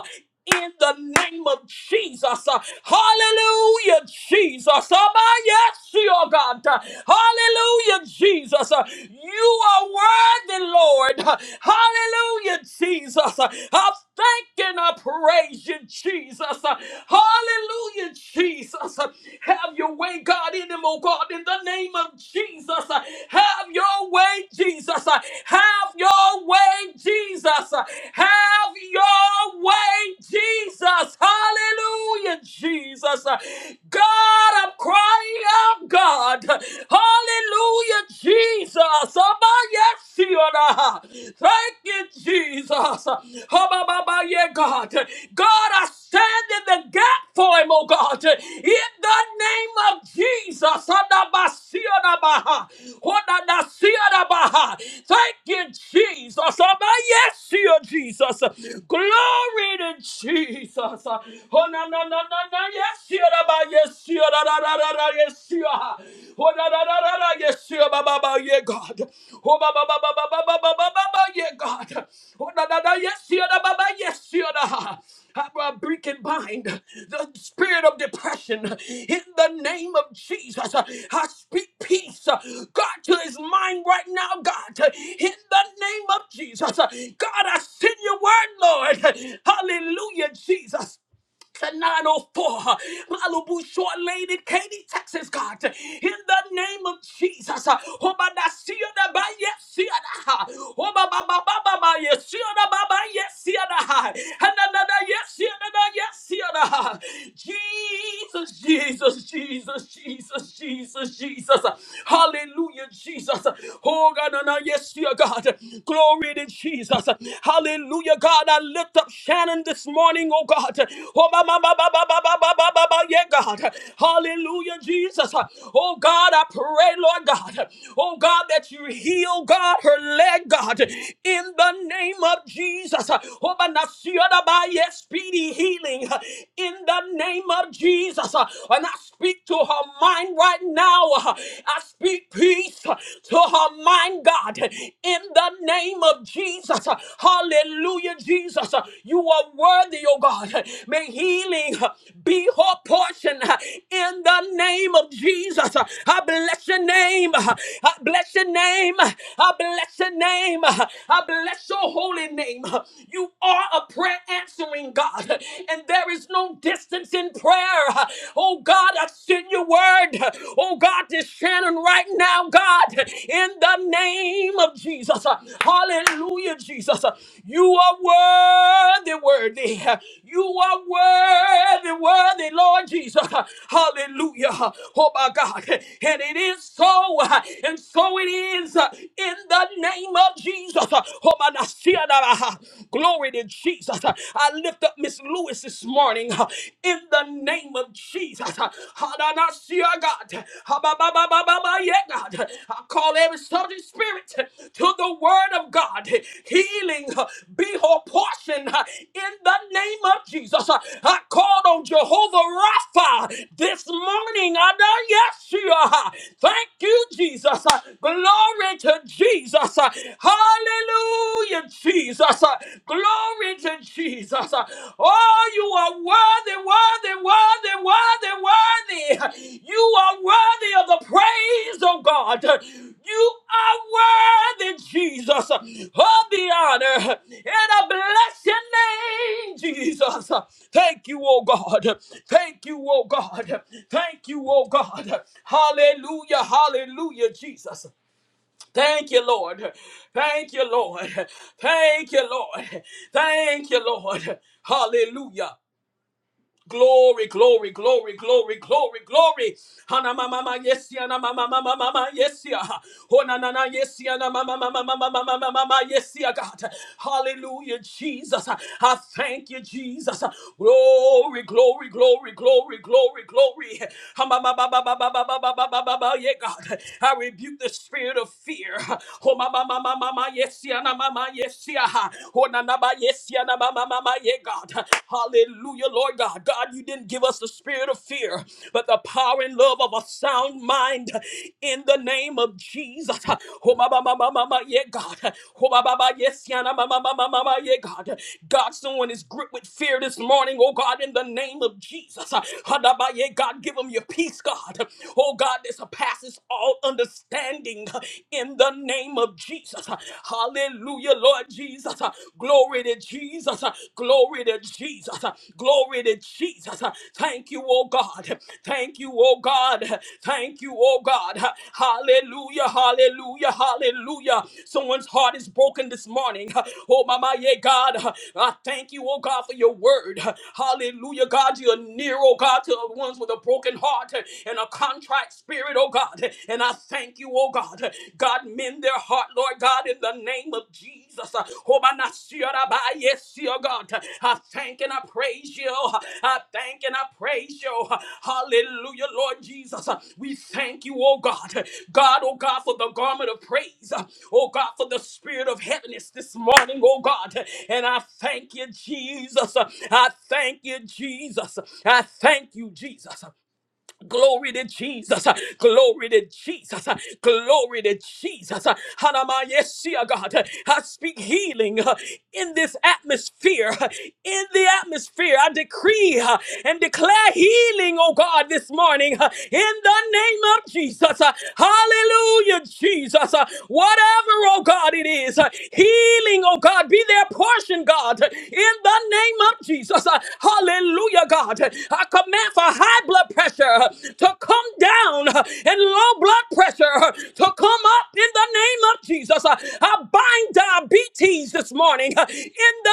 S2: in the name of Jesus. Uh, Hallelujah, Jesus. Oh, my, yes, your God. Uh, Hallelujah, Jesus. Uh, You are worthy, Lord. Uh, Hallelujah, Jesus. Uh, I thank and I praise you, Jesus. Uh, Hallelujah, Jesus. Uh, Have your way, God, in him, oh God, in the name of Jesus. Have your way, Jesus. Have your way, Jesus. Have your way, Jesus. Hallelujah, Jesus. God, I'm crying out, God. Hallelujah, Jesus. Abayashiona. Thank you, Jesus. Habababaye, God. God, I stand in the gap for him, oh God, in the name of Jesus. Adabasiadabaha, Hodadasiadabaha. Thank you, Jesus. Abayesiyo, Jesus. Glory to Jesus. Oh, na na na na na yes, you, yes, you, da, da, da, da, da, yes, you. Oh, da, da, da, da, da, yes, you, ba, ba, ba, yeah, God. Oh, ba, ba, ba, ba, ba, ba, ba, ba, ba, ba, ba, yeah, God. Oh, da, da, da, yes, yeah, da, ba, ba, yes, yeah, da. I break and bind the spirit of depression in the name of Jesus. I speak peace, God, to his mind right now, God, in the name of Jesus. God, I send your word, Lord. Hallelujah, Jesus to 904 Malibu Short Lane in Katy, Texas, God. In the name of Jesus. uh, Oh, my, I see you, the by yes, see you, the- Oh, my, my, my, my, my, my, yes, see you, the by, by, yes, see you, the- And another yes, see you, the- the yes, see you, the- Jesus. Jesus, Jesus, Jesus, Jesus, Jesus, Jesus. Hallelujah, Jesus. Oh God, and I, yes, dear God. Glory to Jesus. Hallelujah, God. I lift up Shannon this morning, oh God. Oh, ba, ba, ba, ba, ba, ba, ba, ba, ba, yeah, God. Hallelujah, Jesus. Oh God, I pray, Lord God. Oh God, that you heal, God, her leg, God, in the name of Jesus. Oh, but not see other by yes, speedy healing in the name of Jesus. And I speak to her mind right now. I speak peace to her mind, God, in the name of Jesus. Hallelujah. Hallelujah, Jesus. You are worthy, oh God. May healing be her portion in the name of Jesus. I bless your name. I bless your name. I bless your name. I bless your holy name. You are a prayer answering God, and there is no distance in prayer. Oh God, I send your word. Oh God, to Shannon right now, God. God, in the name of Jesus. Hallelujah, Jesus. You are worthy, worthy. You are worthy, worthy, Lord Jesus. Hallelujah. Oh my God. And it is so, and so it is in the name of Jesus. Oh my God. Glory to Jesus. I lift up Miss Lewis this morning in the name of of Jesus. Hadanasia, God. Habababababaye, God. I call every subject spirit to the word of God. Healing be her portion in the name of Jesus. I called on Jehovah Rapha this morning. Adayeshua. Thank you, Jesus. Glory to Jesus. Hallelujah, Jesus. Glory to Jesus. Oh, you are worthy, worthy, worthy, worthy, worthy. You are worthy of the praise of God. You are worthy, Jesus, of the honor and I bless your name, Jesus. Thank you, oh God. Thank you, oh God. Thank you, oh God. Hallelujah, hallelujah, Jesus. Thank you, Lord. Thank you, Lord. Thank you, Lord. Thank you, Lord. Hallelujah. Glory, glory, glory, glory, glory, glory. Hana mama mama yes yana mama mama mama yes ya. Hona na na yes yana mama mama mama mama mama mama yes ya God. Hallelujah Jesus. I thank you Jesus. Glory, glory, glory, glory, glory, glory. Hama ba ba ba ba ba ba ba ba ba ba ba ba yeah God. I rebuke the spirit of fear. Homa mama mama mama yesia, na mama yes ya. Hona na ba yesia. Yana mama mama yeah God. Hallelujah, Lord God. God, you didn't give us the spirit of fear, but the power and love of a sound mind in the name of Jesus. Oh mama mama mama yeah God. Oh mama mama yes yana mama mama mama yeah God. God, someone is gripped with fear this morning, oh God, in the name of Jesus. Hadaba yeah God, give them your peace, God. Oh God, this surpasses all understanding in the name of Jesus. Hallelujah, Lord Jesus. Glory to Jesus. Glory to Jesus. Glory to Jesus. Thank you, oh God. Thank you, oh God. Thank you, oh God. Hallelujah, hallelujah, hallelujah. Someone's heart is broken this morning. Oh, Mama, yeah, God. I thank you, oh God, for your word. Hallelujah, God. You're near, oh God, to the ones with a broken heart and a contrite spirit, oh God. And I and I thank you, oh God. God, mend their heart, Lord God, in the name of Jesus. yes, oh God. I thank and I praise you. I thank and I praise you. Hallelujah, Lord Jesus. We thank you, oh God. God, oh God, for the garment of praise. Oh God, for the spirit of heaviness this morning, oh God. And I thank you, Jesus. I thank you, Jesus. I thank you, Jesus. Glory to Jesus. Glory to Jesus. Glory to Jesus. Hanamayesia, God. I speak healing uh, in this atmosphere. In the atmosphere, I decree uh, and declare healing, oh God, this morning. uh, In the name of Jesus. Uh, Hallelujah, Jesus. Uh, Whatever, oh God, it is, uh, healing, oh God, be their portion, God. In the name of Jesus. Uh, Hallelujah. Hallelujah, God. I command for high blood pressure to come down and low blood pressure to come up in the name of Jesus. I bind diabetes this morning in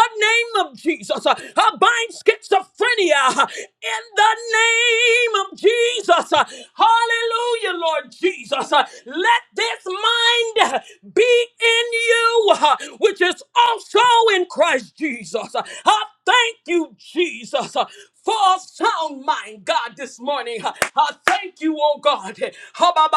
S2: the name of Jesus. I bind schizophrenia in the name of Jesus. Hallelujah, Lord Jesus. Let this mind be in you, which is also in Christ Jesus. I Thank you, Jesus, uh, for a sound mind, God, this morning. Uh, I thank you, oh God. ha ba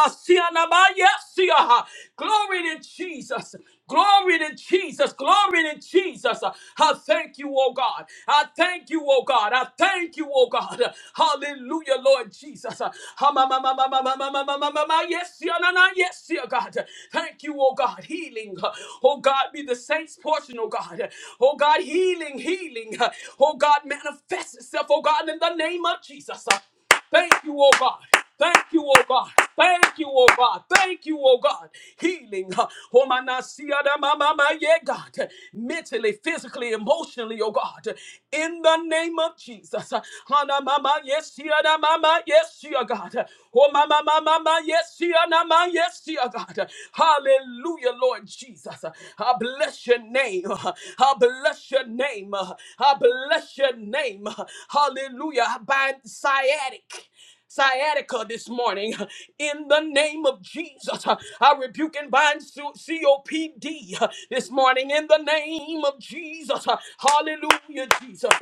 S2: na ba Yes, yeah, uh, glory to Jesus. Glory to Jesus. Glory to Jesus. Uh, I thank you, oh God. I thank you, oh God. I thank you, oh God. Uh, Hallelujah, Lord Jesus. Uh, ha-ma-ma-ma-ma-ma-ma-ma-ma-ma-ma-ma, Yes, yeah, na-na, yes, yeah, God. Thank you, oh God. Healing. uh, Oh God, be the saints' portion, oh God. Oh God, healing, healing. Oh God, manifest itself, oh God, in the name of Jesus. Thank you, oh God. Thank you, oh God. Thank you, oh God. Thank you, oh God. Healing. Oh my nasia da ma, ma, ma, yeah, God. Mentally, physically, emotionally, oh God. In the name of Jesus. Hana mama yes, yeah, da mama yes, yeah, God. Oh mama mama yes, yeah, Yes, dear God. Hallelujah, Lord Jesus. I bless your name. I bless your name. I bless your name. Hallelujah. I bind sciatic. Sciatica this morning in the name of Jesus. I rebuke and bind su- COPD this morning in the name of Jesus. Hallelujah, Jesus.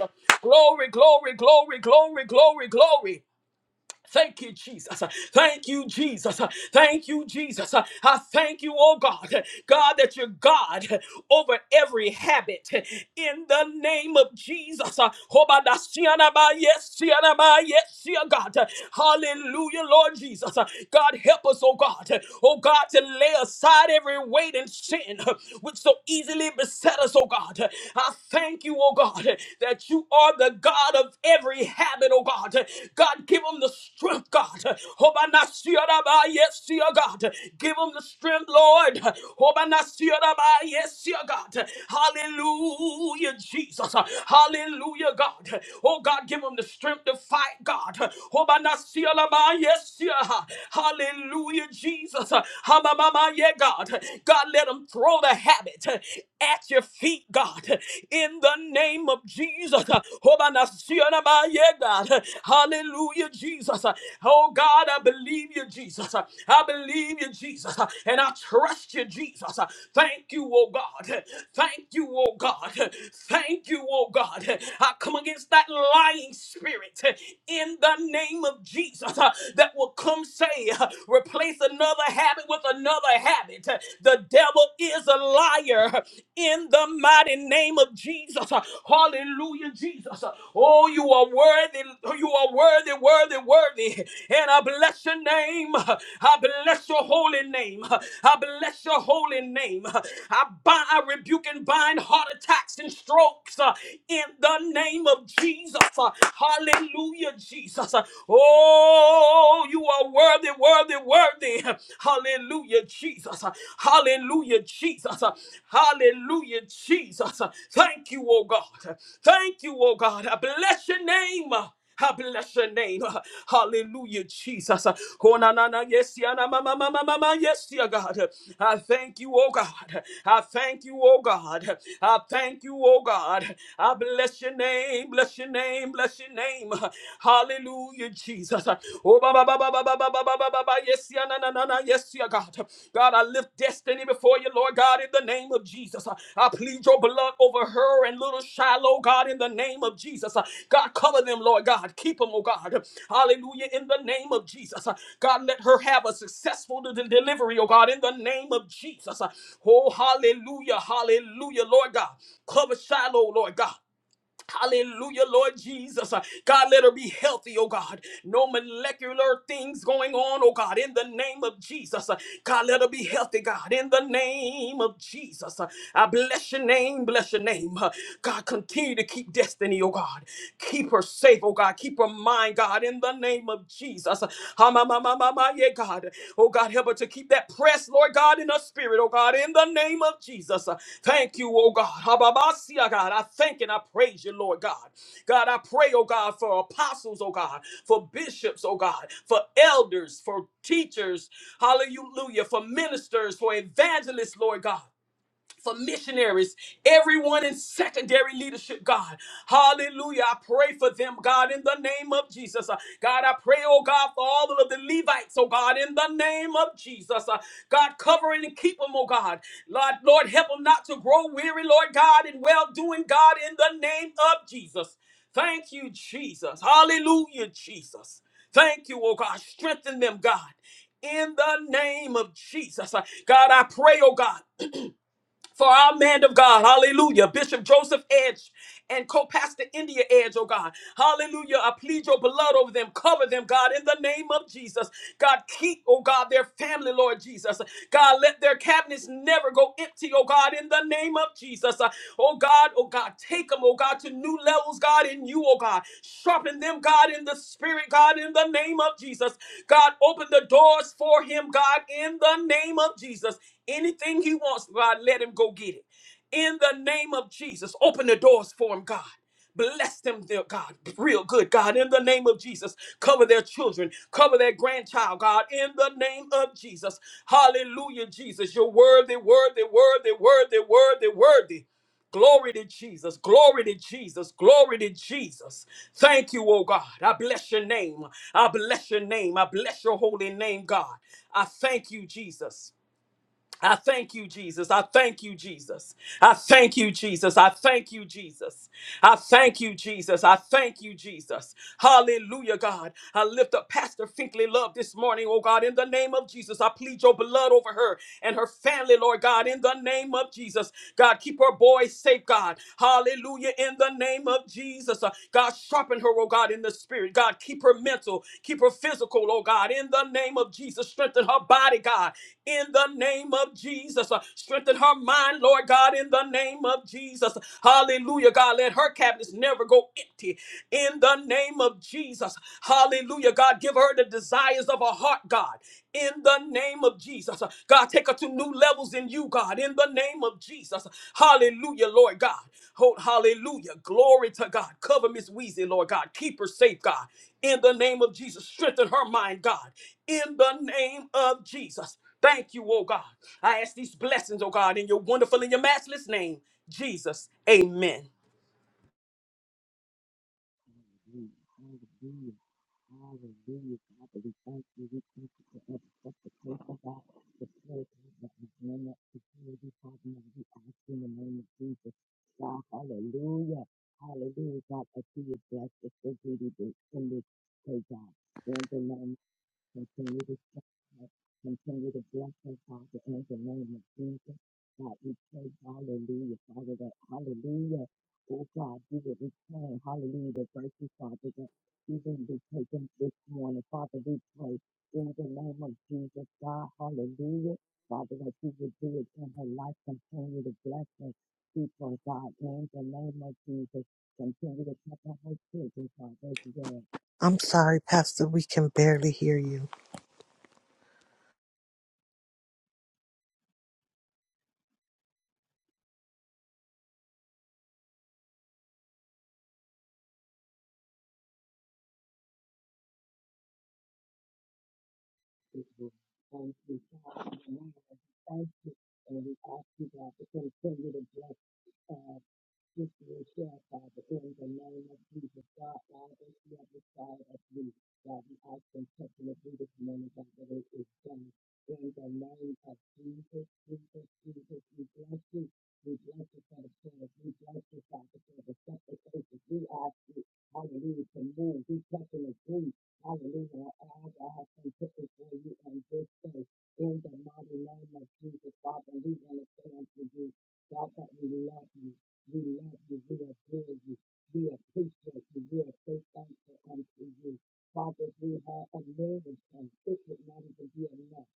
S2: Glory, glory, glory, glory, glory, glory. Thank you, Jesus. Thank you, Jesus. Thank you, Jesus. I thank you, oh God. God, that you're God over every habit. In the name of Jesus. Obadasianaba, Yes, sianaba, yes, dear God. Hallelujah, Lord Jesus. God, help us, oh God. Oh God, to lay aside every weight and sin which so easily beset us, oh God. I thank you, oh God, that you are the God. God of every habit, oh God. God, give them the strength, God. Hobanasiaraba, Yes, dear God. Give them the strength, Lord. Hobanasiaraba, Yes, dear God. Hallelujah, Jesus. Hallelujah, God. Oh God, give them the strength to fight, God. Hobanasiaraba, Yes, dear. Hallelujah, Jesus. Hamamama, yeah, God. God, let them throw the habit at your feet God, in the name of Jesus. Hallelujah, Jesus. Oh God, I believe you, Jesus. I believe you, Jesus. And I trust you, Jesus. Thank you, oh God. Thank you, oh God. Thank you, oh God. I come against that lying spirit in the name of Jesus that will come say, replace another habit with another habit. The devil is a liar in the mighty name of Jesus. Hallelujah, Jesus. Oh, you are worthy. You are worthy, worthy, worthy. And I bless your name. I bless your holy name. I bless your holy name. I bind, I rebuke and bind heart attacks and strokes uh, in the name of Jesus. Uh, Hallelujah, Jesus. Uh, Oh, you are worthy, worthy, worthy, worthy. Hallelujah, Jesus. Hallelujah, Jesus. Hallelujah, Jesus. Thank you, oh God. Thank you, oh God. I bless your name. I bless your name. Hallelujah, Jesus. Oh, na, na, na, yes, yeah, na, ma, ma, ma, ma, ma, ma, yes, dear God. I thank you, oh God. I thank you, oh God. I thank you, oh God. I bless your name, bless your name, bless your name. Hallelujah, Jesus. Oh, ba ba ba ba ba ba ba ba ba ba ba ba. Yes, yeah, na na na na. Yes, yeah, God. God, I lift destiny before you, Lord God, in the name of Jesus. I plead your blood over her and little Shiloh, God, in the name of Jesus. God, cover them, Lord God. Keep them, oh God. Hallelujah, in the name of Jesus. God, let her have a successful de- de- delivery, oh God, in the name of Jesus. Oh, hallelujah, hallelujah, Lord God. Cover Shiloh, Lord God. Hallelujah, Lord Jesus. Uh, God, let her be healthy, oh God. No molecular things going on, oh God, in the name of Jesus. Uh, God, let her be healthy, God, in the name of Jesus. Uh, I bless your name, bless your name. Uh, God, continue to keep destiny. Tiffany, oh God. Keep her safe, oh God. Keep her mind, God, in the name of Jesus. Ha, ma, ma, ma, ma, ma, yeah, God. Oh God, help her to keep that press, Lord God, in her spirit, oh God, in the name of Jesus. Thank you, oh God. Ha, ba, ba, see, oh God, I thank and I praise you, Lord God. God, I pray, oh God, for apostles, oh God, for bishops, oh God, for elders, for teachers, hallelujah, for ministers, for evangelists, Lord God for missionaries, everyone in secondary leadership, God. Hallelujah. I pray for them, God, in the name of Jesus. Uh, God, I pray, oh God, for all of the Levites, oh God, in the name of Jesus. Uh, God, cover and keep them, oh God. Lord, Lord, help them not to grow weary, Lord God, in well doing, God, in the name of Jesus. Thank you, Jesus. Hallelujah, Jesus. Thank you, oh God. Strengthen them, God. In the name of Jesus. Uh, God, I pray, oh God for our man of God, hallelujah, Bishop Joseph Edge and co-pastor India Edge, oh God, hallelujah, I plead your blood over them, cover them, God, in the name of Jesus, God, keep, oh God, their family, Lord Jesus, God, let their cabinets never go empty, oh God, in the name of Jesus, Uh, oh God, oh God, take them, oh God, to new levels, God, in you, oh God, sharpen them, God, in the spirit, God, in the name name of Jesus. God, open the doors for him, God, in the name of Jesus. Anything he wants, God, let him go get it. In the name of Jesus, open the doors for him, God. Bless them, dear God, real good, God, in the name of Jesus. Cover their children, cover their grandchild, God, in the name of Jesus. Hallelujah, Jesus. You're worthy, worthy, worthy, worthy, worthy, worthy. Glory to Jesus. Glory to Jesus. Glory to Jesus. Thank you, oh God. I bless your name. I bless your name. I bless your holy name, God. I thank you, Jesus. I thank you, Jesus. I thank you, Jesus. I thank you, Jesus. I thank you, Jesus. I thank you, Jesus. I thank you, Jesus. Hallelujah, God. I lift up Pastor Finkley Love this morning, oh God, in the name of Jesus. I plead your blood over her and her family, Lord God, in the name of Jesus. God, keep her boys safe, God. Hallelujah, in the name of Jesus. Jesus. Uh, God, sharpen her, oh God, in the spirit. God, keep her mental, keep her physical, oh God, in the name of Jesus. Strengthen her body, God, in the name of Jesus. Uh, strengthen her mind, Lord God, in the name of Jesus. Hallelujah, God. Let her cabinets never go empty in the name of Jesus. Hallelujah, God. Give her the desires of her heart, God, in the name name of Jesus. God, take her to new levels in you, God, in the name of Jesus. Hallelujah, Lord God. Hold, hallelujah. Glory to God. Cover Miss Weezy, Lord God. Keep her safe, God, in the name of Jesus. Strengthen her mind, God, in the name of Jesus. Thank you, oh God. I ask these blessings, oh God, in your wonderful and your matchless name, Jesus. Amen.
S3: Hallelujah. Hallelujah. Hallelujah, God, that we thank you. We thank you for every supplication, God, the prayer, God, that has been up to you, Father, now we ask in the name of Jesus. God, hallelujah. Hallelujah, God, that you would bless us as we do this in this day, God. Continue to strengthen us. Continue to bless us, Father, in the name of Jesus. God, we pray, hallelujah, Father, that hallelujah. Oh God, we will return, hallelujah, the virtue, Father, that even be taken this morning. Father, we pray in the name of Jesus, God, hallelujah. Father, that you would do it in her life, continue to bless us. People, God, in the name of Jesus, continue to cover her children, Father, as well.
S4: I'm sorry, Pastor, we can barely hear you.
S3: And we thank the now, and we thank you, and we ask you, God, to continue to bless, uh, this yourself, Father, in the name of Jesus, God, all this other side of you, God, we ask and touch and agree this morning, God, that it is done. In the name of Jesus, Jesus, Jesus, we bless you, we bless you for the service, we bless you, Father, for the sacrifices, we ask you, hallelujah, to move, we touch and agree Hallelujah. As I have been put before you on this day, in the mighty name of Jesus, Father, we want to say unto you, God, that we love you. We love you. We adore you. We appreciate you. We are so thankful unto you. Father, if we have a million and it would not even be enough.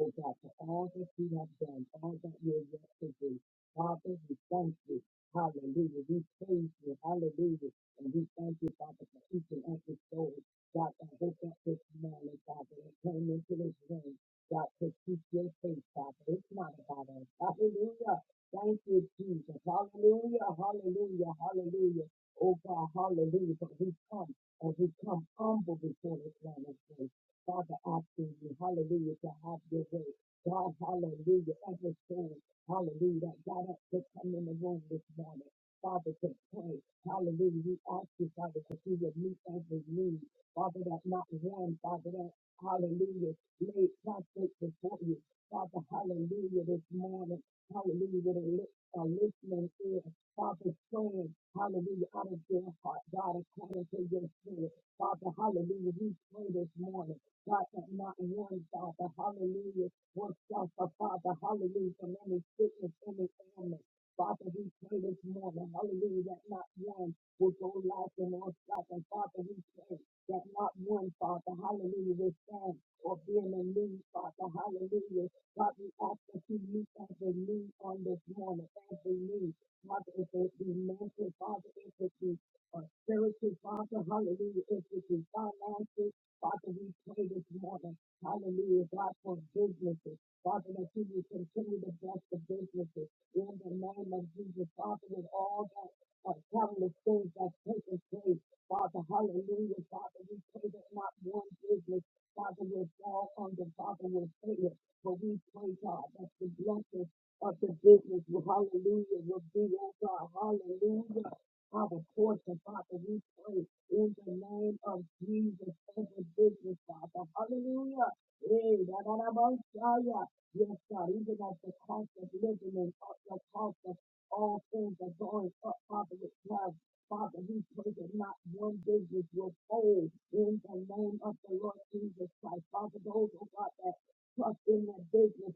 S3: Oh God, for all that you have done, all that you are yet to do. Father, we thank you. Hallelujah. We praise you. Hallelujah. And we thank you, Father, for each and every soul. God, I hope that this morning, Father, and came into this room. God, to seek your face, Father. It's not about us. Hallelujah. Thank you, Jesus. Hallelujah, hallelujah, hallelujah. Oh God, hallelujah. But we come and we come humble before this man of grace. Father, asking you, hallelujah, to have your way. God, hallelujah, every soul, hallelujah, that got up to come in the room this morning. Father, to pray, hallelujah, we ask you, Father, that you would meet every need. Father, that not one, Father, that hallelujah, laid prostrate before you. Father, hallelujah, this morning, hallelujah, with a lip, a listening ear, Father, praying, hallelujah, out of your heart, God, according to your spirit. Father, hallelujah, we pray this morning. God, that not one, Father, hallelujah, will suffer, Father, hallelujah, from any sickness, any ailment. Father, we pray this morning, hallelujah, that not one will go life and all stuff. And Father, we pray that not one, Father, hallelujah, will stand or be in the need, Father, hallelujah. God, we ask that you meet every need on this morning, every need. Father, if it be mental, Father, if it be uh, spiritual, Father, hallelujah, if it be finances, Father, we pray this morning, hallelujah, God, for businesses. Father, that you will continue to bless the businesses in the name of Jesus, Father, with all that uh, countless things that's taking place. Father, hallelujah, Father, we pray that not one business, Father, will fall under, Father, will fail. But we pray, God, that the blessings of the business, will- hallelujah, will be, oh God, hallelujah. Father, portion, Father, we pray in the name of Jesus every business, Father, hallelujah. Hey, da, da, da, ba, sha, ya. Yes, God, even at the cost of living and at the cost of all things are going up, Father, with love. Father, we pray that not one business will fold in the name of the Lord Jesus Christ. Father, those, oh God, that trust in that business,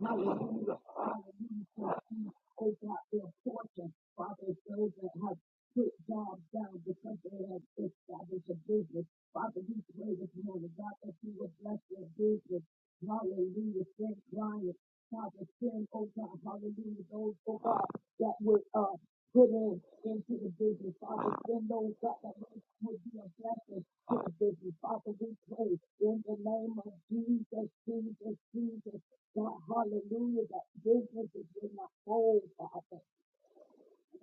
S3: hallelujah, hallelujah, shall see, oh God, their fortune. Father, those that have put jobs down because they have established a business. Father, we pray this morning, God, that you will bless their business. Hallelujah, send clients. Father, send, oh God, hallelujah, those, oh God, that would uh, putting into the business. Father, send those God that would would be a blessing to the business. Father, we pray in the name of Jesus, Jesus, Jesus. God, hallelujah, that businesses will not fold, Father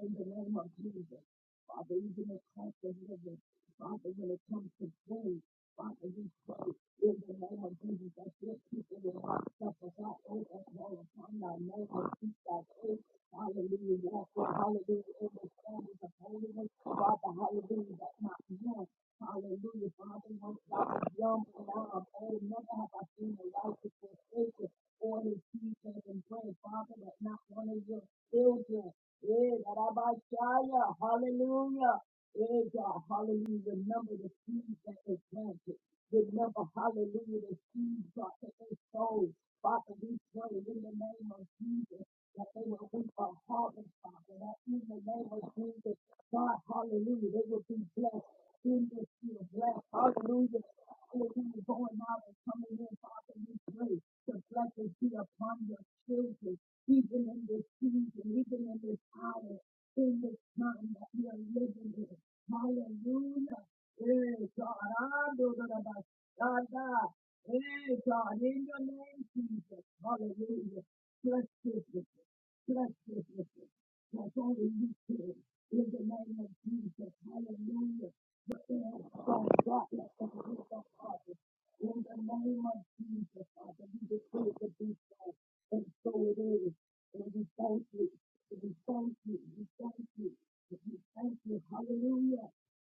S3: in the name of Jesus. Father, even when it comes to heaven, Father, when it comes to praise, Father, we pray in the name of Jesus that your people will not suffer that oath and call upon thy name and keep that oath. Hallelujah. Therefore, hallelujah, in the standards of holiness, Father, hallelujah, that not one, hallelujah, Father, once i was young and now I'm old, never have I seen the righteous forsaken or his seed begging bread. Father, that not one of your children yeah, that I Rabashaya, hallelujah. Yeah, God, hallelujah. Remember the seeds that is planted. Remember, hallelujah, the seeds, God, that they sowed. Father, we pray in the name of Jesus that they will reap a harvest, Father, that in the name of Jesus, God, hallelujah, they will be blessed in this year, blessed, hallelujah. Hallelujah, going out and coming in, Father, we pray the blessings be upon your children even in this season, even in this hour, in this time that we are living in. Hallelujah. Hey, God, I know that about God, God. Hey, God, in your name, Jesus. Hallelujah. Bless this business. Bless this business. That's only you can. In the name of Jesus. Hallelujah. The air of God, let the peace of God. In the name of Jesus, Father, we decree to be so. And so it is. And we thank you. And we thank you. We thank you. And we thank you. Hallelujah.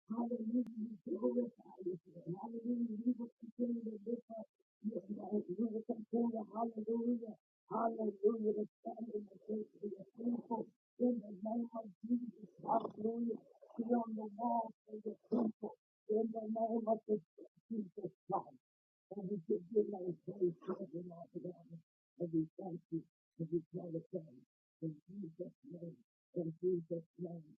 S3: Hallelujah. We glorify you. Lord. Hallelujah. We will continue to lift up your name. We will continue. Hallelujah. Hallelujah. To stand in the faith of your people. In the name of Jesus. Hallelujah. Be on the wall for your people. In the name of the Jesus Christ. And we give you my praise, praise, and all the honor. And we thank you, and we call glorify you. In Jesus' name, in Jesus' name,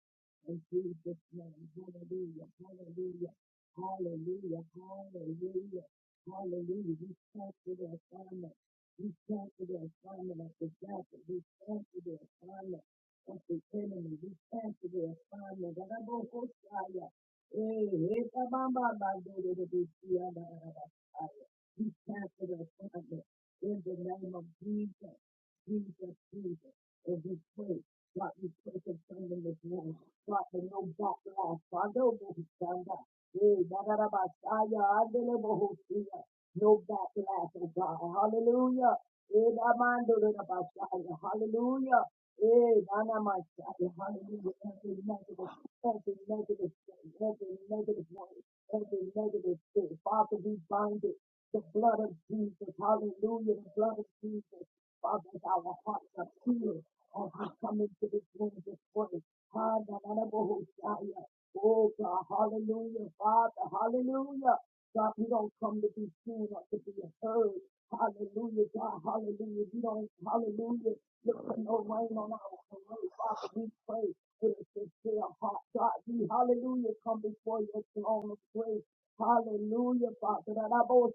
S3: in Jesus' name. Hallelujah, hallelujah, hallelujah, hallelujah, hallelujah. We thank you, for the assignment. We cancel the assignment of the devil. We cancel the assignment of the enemy. We cancel the assignment. of the Bohoshaya. Hey, hey, Baba, Baba, We cancel the assignment in the name of Jesus. Jesus, Jesus we pray. God, we pray for something this morning. God, for no backlash. Father, oh, we stand up. Hey, da, da, da, ba, sa, ya, I deliver, who see No backlash, oh God. Hallelujah. Hey, da, man, do, da, da, ba, sa, Hallelujah. Hey, da, na, ma, sa, ya. Hallelujah. Every negative, every negative thing, every negative word, every negative thing. Father, we bind it. The blood of Jesus. Hallelujah. The blood of Jesus. Father, our hearts are healed. Oh, I come into this room this morning. Hallelujah. Oh, God, hallelujah, Father, hallelujah. God, we don't come to be seen or to be heard. Hallelujah, God, hallelujah. We don't, hallelujah. Look for no rain on our parade. Father, we pray with a sincere heart. God, we, hallelujah, come before your throne of grace. Hallelujah, Father. That I both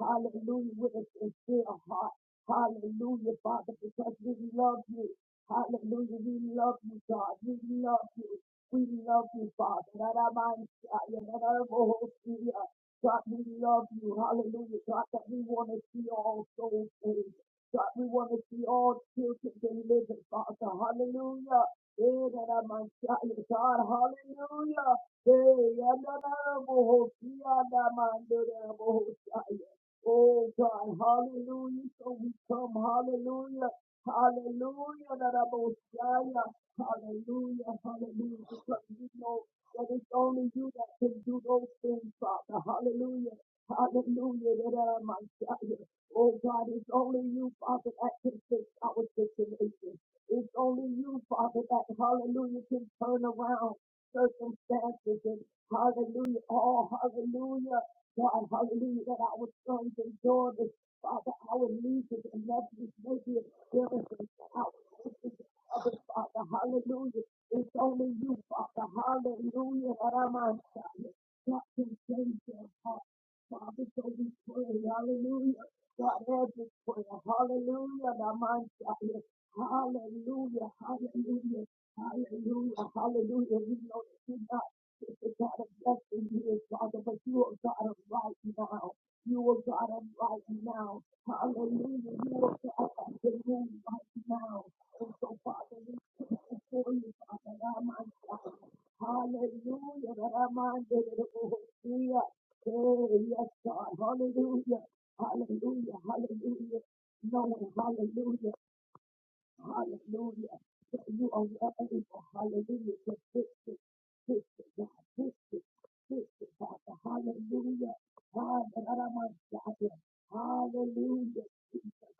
S3: Hallelujah, with a sincere heart. Hallelujah, Father, because we love you. Hallelujah, we love you, God. We love you. We love you, Father. That i ma ni sa ya ra ra ra bo God, we love you. Hallelujah, God, that we want to see all souls saved. God, we want to see all children delivered, Father. Hallelujah. Eh, that i ma sa God, hallelujah. Hey, and that i ra bo ho si ya ra ma ra ra bo ho Oh God, hallelujah. So we come, hallelujah. Hallelujah. That I both Hallelujah. Hallelujah. Because we know that it's only you that can do those things, Father. Hallelujah. Hallelujah. That I might Oh God, it's only you, Father, that can fix our situation. It's only you, Father, that hallelujah can turn around circumstances and hallelujah. Oh, hallelujah. God, hallelujah, that our sons and daughters, Father, our nieces and nephews may be experiencing our sisters and others, Father, hallelujah. It's only you, Father, hallelujah, that I'm on fire. God can change their heart. Father, so we pray, hallelujah. God, every prayer, hallelujah, that I'm on fire. Hallelujah, hallelujah, hallelujah, hallelujah. We know that you're not is the God of yesteryear, Father, but you are God of right now. You are God of right now. Hallelujah. You are God of the move right now. And so, Father, we come before you, Father, now, my God. Hallelujah. That our mind is Yeah. Hey, yes, God. Hallelujah. Hallelujah. Hallelujah. No, hallelujah. Hallelujah. That you are worthy for hallelujah. To fix it, fix it, God. Fix it, fix it, Father. Hallelujah. Hallelujah. Hallelujah. Jesus.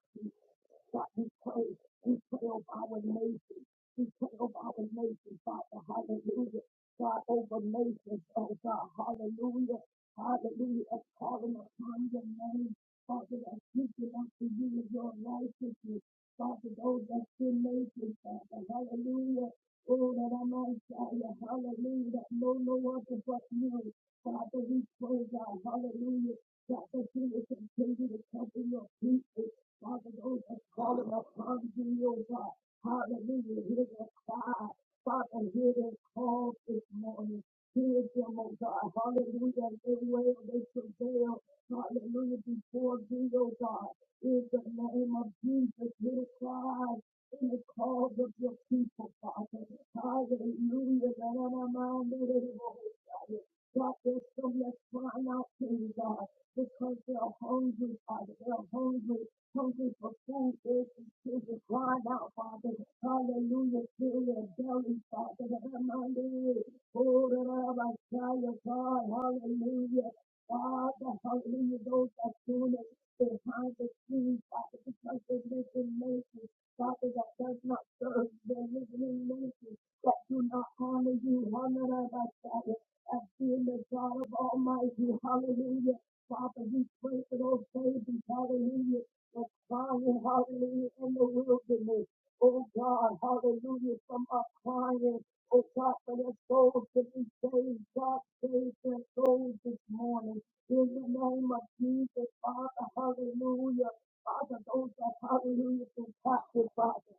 S3: God, we pray. We pray over our nation. We pray over our nation, Father. Hallelujah. God, over nations, oh God. Hallelujah. Hallelujah. As calling upon your name, Father, that seeking after you with your righteousness. Father, those that sin nations, Father. Hallelujah. Oh, that I might tell you, hallelujah, that no, no other but you. Father, we pray, God, hallelujah, God, that the you will continue to cover your people. Father, those that call him upon Thee, O God. Hallelujah. Hear their cry. Father, hear their call this morning. Hear them, O God. Hallelujah. And everywhere they prevail. Hallelujah. Before thee, O God. In the name of Jesus, hear the cry. In the calls of your people, Father. Hallelujah. And I'm on the Lord. God, there's some that's crying out to you, God, because they're hungry, Father. They're hungry hungry for food, thirsty children crying out, Father. Hallelujah, fill their belly, Father. That their mind is I of our child, of God. Hallelujah. Father, hallelujah, those that are doing it behind the scenes, Father, because they live in nations, Father, that does not serve, you. they live in nations that do not honor you, honor our Father, as being the God of Almighty, hallelujah. Father, we pray for those babies, hallelujah, that's crying, hallelujah, in the wilderness. Oh God, hallelujah, from our crying. Oh God, for their souls to be saved. God, save their souls this morning. In the name of Jesus, Father, hallelujah. Father, those that, hallelujah, been captured, Father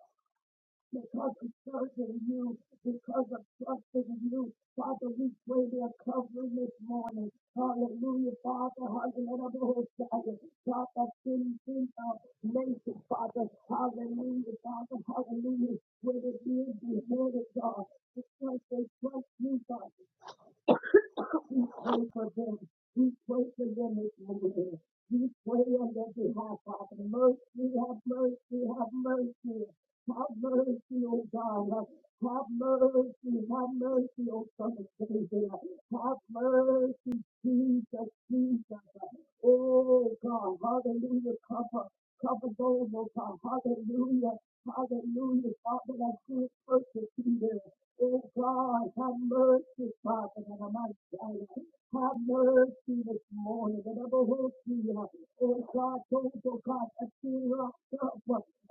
S3: because of trust in you, because of trust in you. Father, we pray their covering this morning. Hallelujah, Father, hallelujah, Father, Father, sin, sin, uh, nation, Father, hallelujah, Father, hallelujah, where the ears be heard of God, because they trust you, Father. We pray for them. We pray for them this morning. We pray on their behalf, Father. Mercy, have mercy, have mercy. Have mercy, O God. Have mercy, have mercy, O Son of David. Have mercy, Jesus, Jesus. Oh God, hallelujah. Cover, cover those, oh God. Hallelujah. Hallelujah, Father, that good first Oh God, have mercy, Father, and I might die. Have mercy this morning, and I will see you. Oh God, don't, oh God, I see rocked up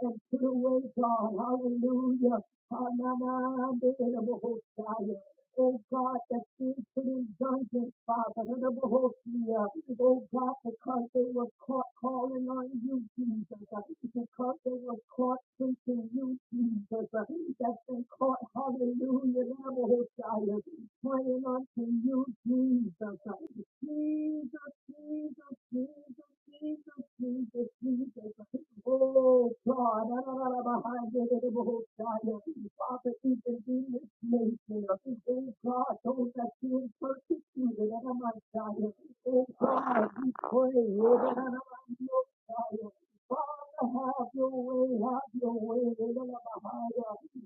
S3: and put away, God. Hallelujah. Hallelujah. Oh God, that seems to be dungeons, Father. and of Bohemia. Oh God, because they were caught calling on you, Jesus. uh, Because they were caught preaching you, Jesus. uh, That's been caught, hallelujah, in the Bohemia, praying unto you, Jesus. uh, Jesus, Jesus, Jesus, Jesus, Jesus, Jesus. Oh God, I don't know behind you, the most Father, even in this nation, oh God, those that feel persecuted, I don't know, Oh God, we pray, oh God, I don't know, Father, have your way, have your way,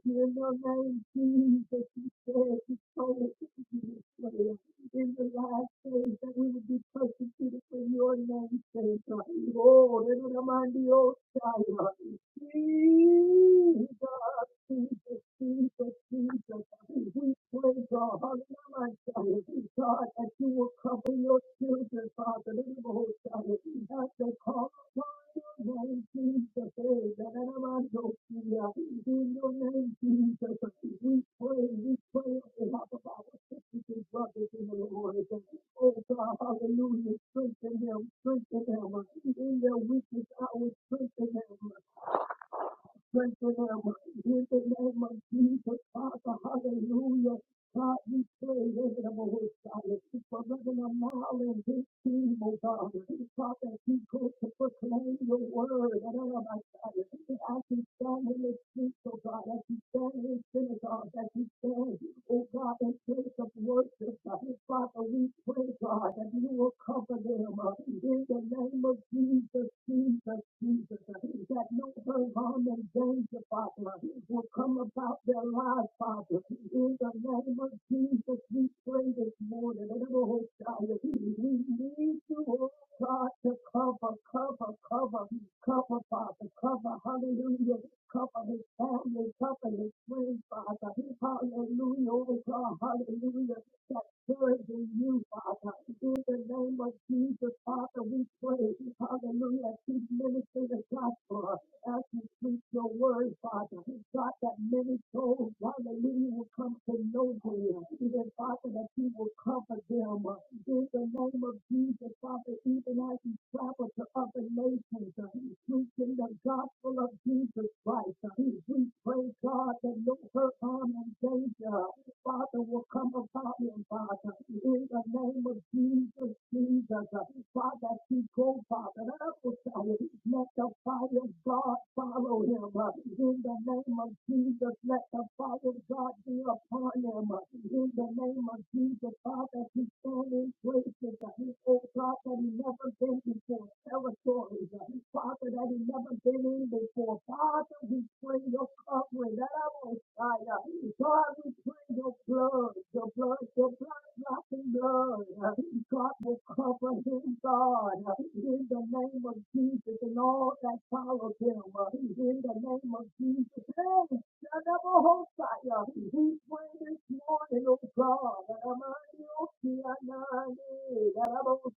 S3: in the name Jesus, we pray, we pray, we pray. In the last days that we will be persecuted for your name's sake. Oh, Elohimahaya. Jesus, Jesus, Jesus, Jesus. We pray, God. Thank God, that you will cover your children, Father, in the most high, as they call upon your name, Jesus, eh, that I might know you, uh, in your name, Jesus, uh, we pray, we pray on behalf of our sisters and brothers in the Lord. uh, Oh God, hallelujah, strengthen them, strengthen them, uh, in their weakness, I will strengthen them, uh, strengthen them, uh, in the name of Jesus, Father, hallelujah, God, we pray over the Most High for Reverend Amal and his team, oh God. God, that he goes to proclaim your word, and oh my God, as he stand in the streets, oh God, as he stand in the synagogue, as he stand, oh God, in place of worship, God. Father, we pray, God, that you will cover them uh, in the name of Jesus, Jesus, Jesus, uh, that no hurt, harm, and danger, Father, will come about their lives, Father, in the name of Jesus, we pray this morning. Oh, God, We need you, oh God, to cover, cover, cover, cover, Father, cover, hallelujah. Cover his family, cover his friends, Father. Hallelujah, oh God, hallelujah. That serves in you, Father. In the name of Jesus, Father, we pray, hallelujah, keep ministering the gospel as you preach your word, Father. God, that many souls, hallelujah hallelujah, will come to know you. Even Father, that you will cover them uh, in the name of Jesus, Father, even as you travel to other nations, uh, preaching the gospel of Jesus Christ. uh, We pray, God, that no hurt, harm, and danger, Father, will come about him, Father, in the name of Jesus. Jesus, Father, he go, Father, let the fire of God follow him. In the name of Jesus, let the fire of God be upon him. In the name of Jesus, Father, he stand in places, oh God, that he never been before, territories, Father, that he never been in before. Father, we pray your covering. Let our Messiah. God, we pray your blood, your blood, your blood, blocking blood. God will cover him, God, in the name of Jesus and all that follow him. In the name of Jesus, hey, we pray this morning, oh God, that I'm on you, see, I know that I'm on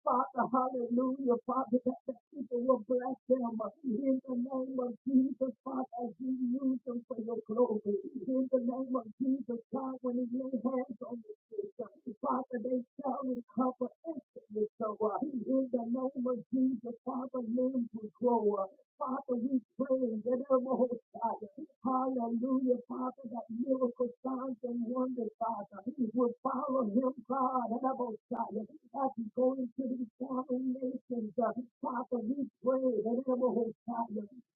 S3: Father, hallelujah, Father, that the people will bless them in the name of Jesus, Father, as you use them for your glory. In the name of Jesus, God, when you lay hands on the church, Father, they shall recover instantly. So, uh, in the name of Jesus, Father, men will grow. Father, we pray in the name of God. Hallelujah, Father, that miracle signs and wonders, Father, will follow him, God, and about God. As he go into these foreign nations, uh, Father, we pray that the name of God.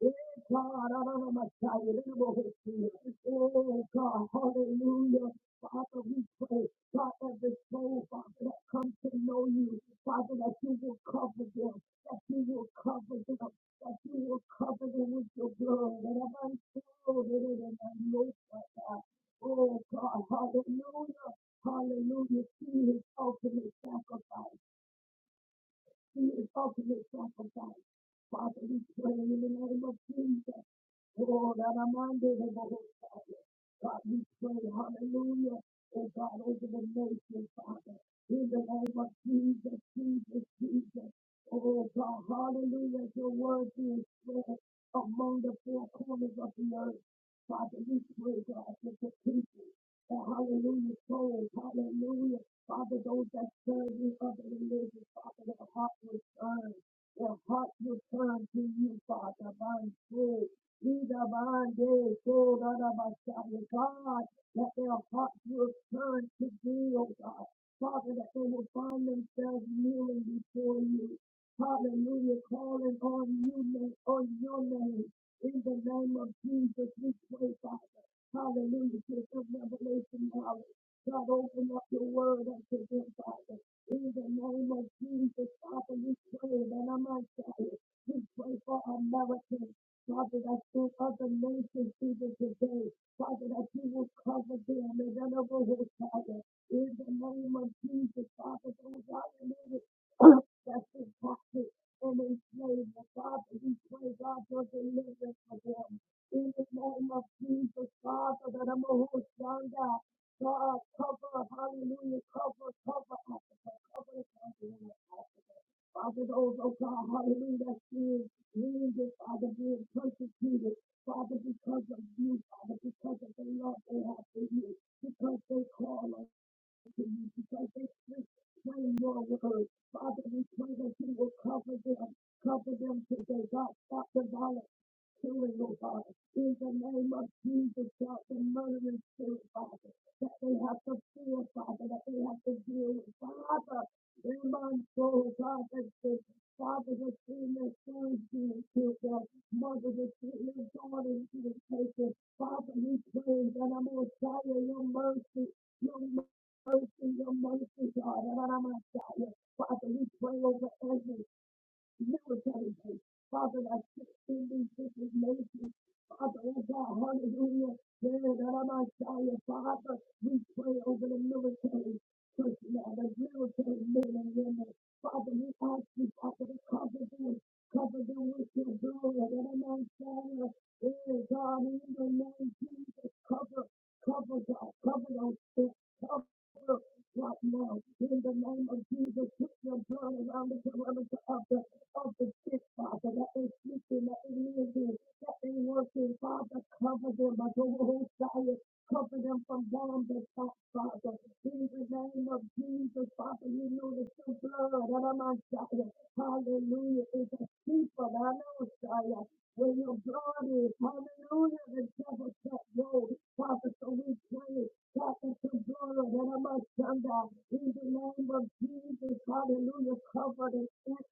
S3: Eh, God, I don't know my God, it, the name Oh, God, hallelujah. Father, we pray, God, every soul, Father, that comes to know you, Father, that you will cover them, that you will cover them, that you will cover them with your blood. That I might show that it is my most high God. Oh God, hallelujah, hallelujah, see his ultimate sacrifice. He is ultimate sacrifice. Father, we pray in the name of Jesus. Oh, that I'm under the Lord's Father. God, we pray, hallelujah. Oh God, over the nation, Father. In the name of Jesus, Jesus, Jesus. Oh God, hallelujah. Your word being spread among the four corners of the earth. Father, we pray, God, for the people. Oh, hallelujah, souls, hallelujah. Father, those that serve you, Father, religion, Father, their heart will turn. Their heart will turn to you, Father, by soul. Either by day, soul, other by Father, God, that their heart will turn to thee, oh God. Father, that they will find themselves kneeling before you. Hallelujah, calling on you, na- on your name. In the name of Jesus, we pray, Father. Hallelujah. To the full revelation knowledge. God, open up your word unto them, Father. In the name of Jesus, Father, we pray that I might say it. We pray for Americans. Father, that through other nations even today, Father, that you will cover them and that will Father. In the name of Jesus, Father, those hallelujah that's been captive and enslaved. And Father, we pray, God, for deliverance for them. In the name of Jesus, Father, that I'm a host, God, God, cover, hallelujah, cover, cover Africa, cover the continent of Africa. Father, those, oh God, hallelujah, that's being wounded, Father, being persecuted, Father, because of you, Father, because of the love they have for you, because they call on to you, because they pray, Lord, with her. Father, we pray that you will cover them, cover them today. God, stop the violence killing, oh God. In the name of Jesus, God, the murdering spirit, Father, that they have to feel, Father, that they have to deal with, Father. In my soul, God, that the Father has seen their sons being killed, their mother has seen their daughters being taken. Father, we pray that I'm going to your mercy, your mercy mercy, your mercy, God. And I'm Messiah. Father, we pray over every military base. Father, that's in these different nations. Father, oh God, hallelujah. Yeah, that I'm Messiah. Father, we pray over the military personnel, the military men and women. Father, we ask you, Father, to cover them. Cover them with your glory, And I'm Messiah. Hey, God, in the name of Jesus, cover, cover, God, cover those things, cover right now. In the name of Jesus, put your blood around the perimeter of the, of the sick, Father, that is sleeping, that is living, that is working, Father, cover them by the whole fire, cover them from down the back, Father. God. In the name of Jesus, Father, you know that your blood, Aramashaya, hallelujah, is a people, Aramashaya, where your blood is, hallelujah, the devil can't go. Father, so we pray, Father, your blood, Aramashaya, in the name of Jesus, hallelujah, cover the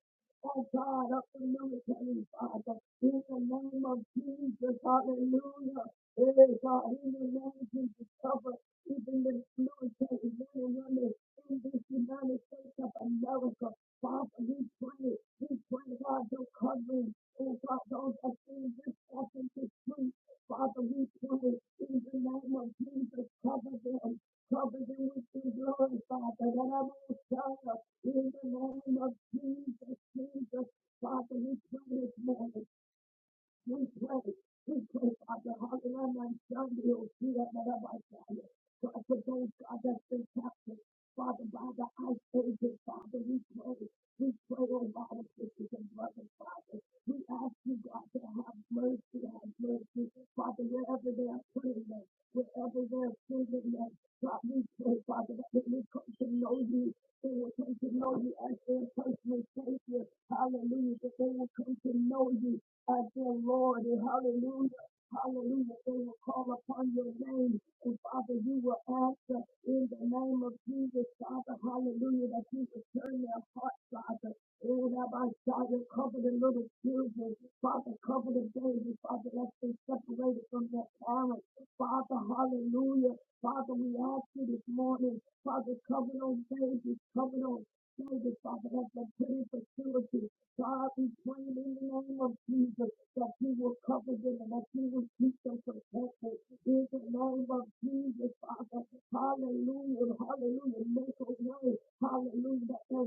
S3: oh God, of the military, Father, in the name of Jesus, hallelujah. Hey, God, in the name of Jesus, cover even the military men and women in this United States of America. Father, we pray, we pray, God, the covering, oh God, those that seem this stuff into truth. Father, we pray in the name of Jesus, cover them. Cover them with your blood, Father, that I will tell in the name of Jesus, Jesus. Father, we pray this morning. We pray, we pray, Father, hallelujah, my son, you'll see that that I might So I put those God that's been captured, Father, by the ice agent, Father, we pray, we pray, oh God, our sisters and brothers, Father. We ask you, God, to have mercy, have mercy, Father, wherever they are praying, them, wherever they are serving, them. God, we pray, Father, that they will come to know you, they will come to know you as their personal Savior. Hallelujah, that they will come to know you Oh, dear Lord, and hallelujah, hallelujah. They will call upon your name, and Father, you will answer in the name of Jesus, Father, hallelujah, that you will turn their hearts, Father. Oh, Rabbi Shia, cover the little children, Father, cover the baby, Father, that's been separated from their parents, Father, hallelujah. Father, we ask you this morning, Father, cover those babies, cover those David, Father, has been praying for purity. God, we pray in the name of Jesus that you will cover them and that you will keep them protected. In the name of Jesus, Father, hallelujah, hallelujah, make a way, hallelujah, that their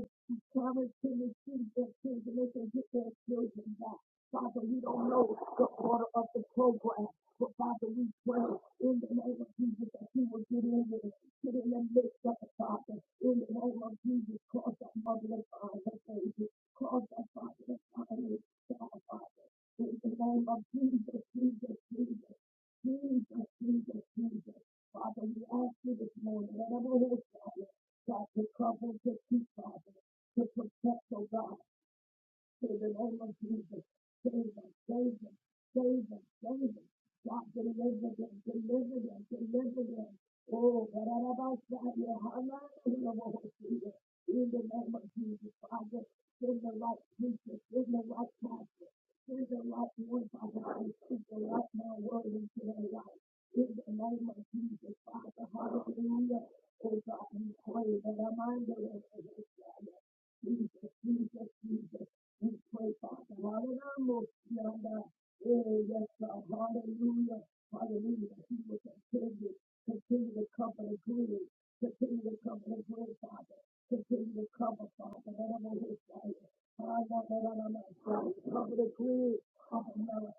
S3: parents can receive their children, they can get their children back. Father, we don't know the order of the program, but Father, we pray in the name of Jesus that you will get in there, get in the midst of the Father. In the name of Jesus, cause that mother to find her baby, cause that father to find his child, Father. In the name of Jesus, Jesus, Jesus, Jesus, Jesus, Jesus. Father, we ask you this morning, whatever it is, Father, God, to cover, to keep, Father, to protect, oh God. In the name of Jesus, save them, save them, save them, save them. God, deliver them, deliver them, deliver them. Oh, Karabasaya, Hallelujah. in the name of Jesus, Father, send the right preacher, send the right pastor, send the right one, Father, and speak the right now word into their life. In the name of Jesus, Father, hallelujah. Oh God, we pray that our mind will be Jesus, Jesus, Jesus. We pray, Father. Hallelujah. Oh, yes, God. Hallelujah. Hallelujah. He will continue, continue to cover the glory. Continue to cover the glory, Father. Continue to cover, Father. Let him know his life. Cover the glory. Cover now.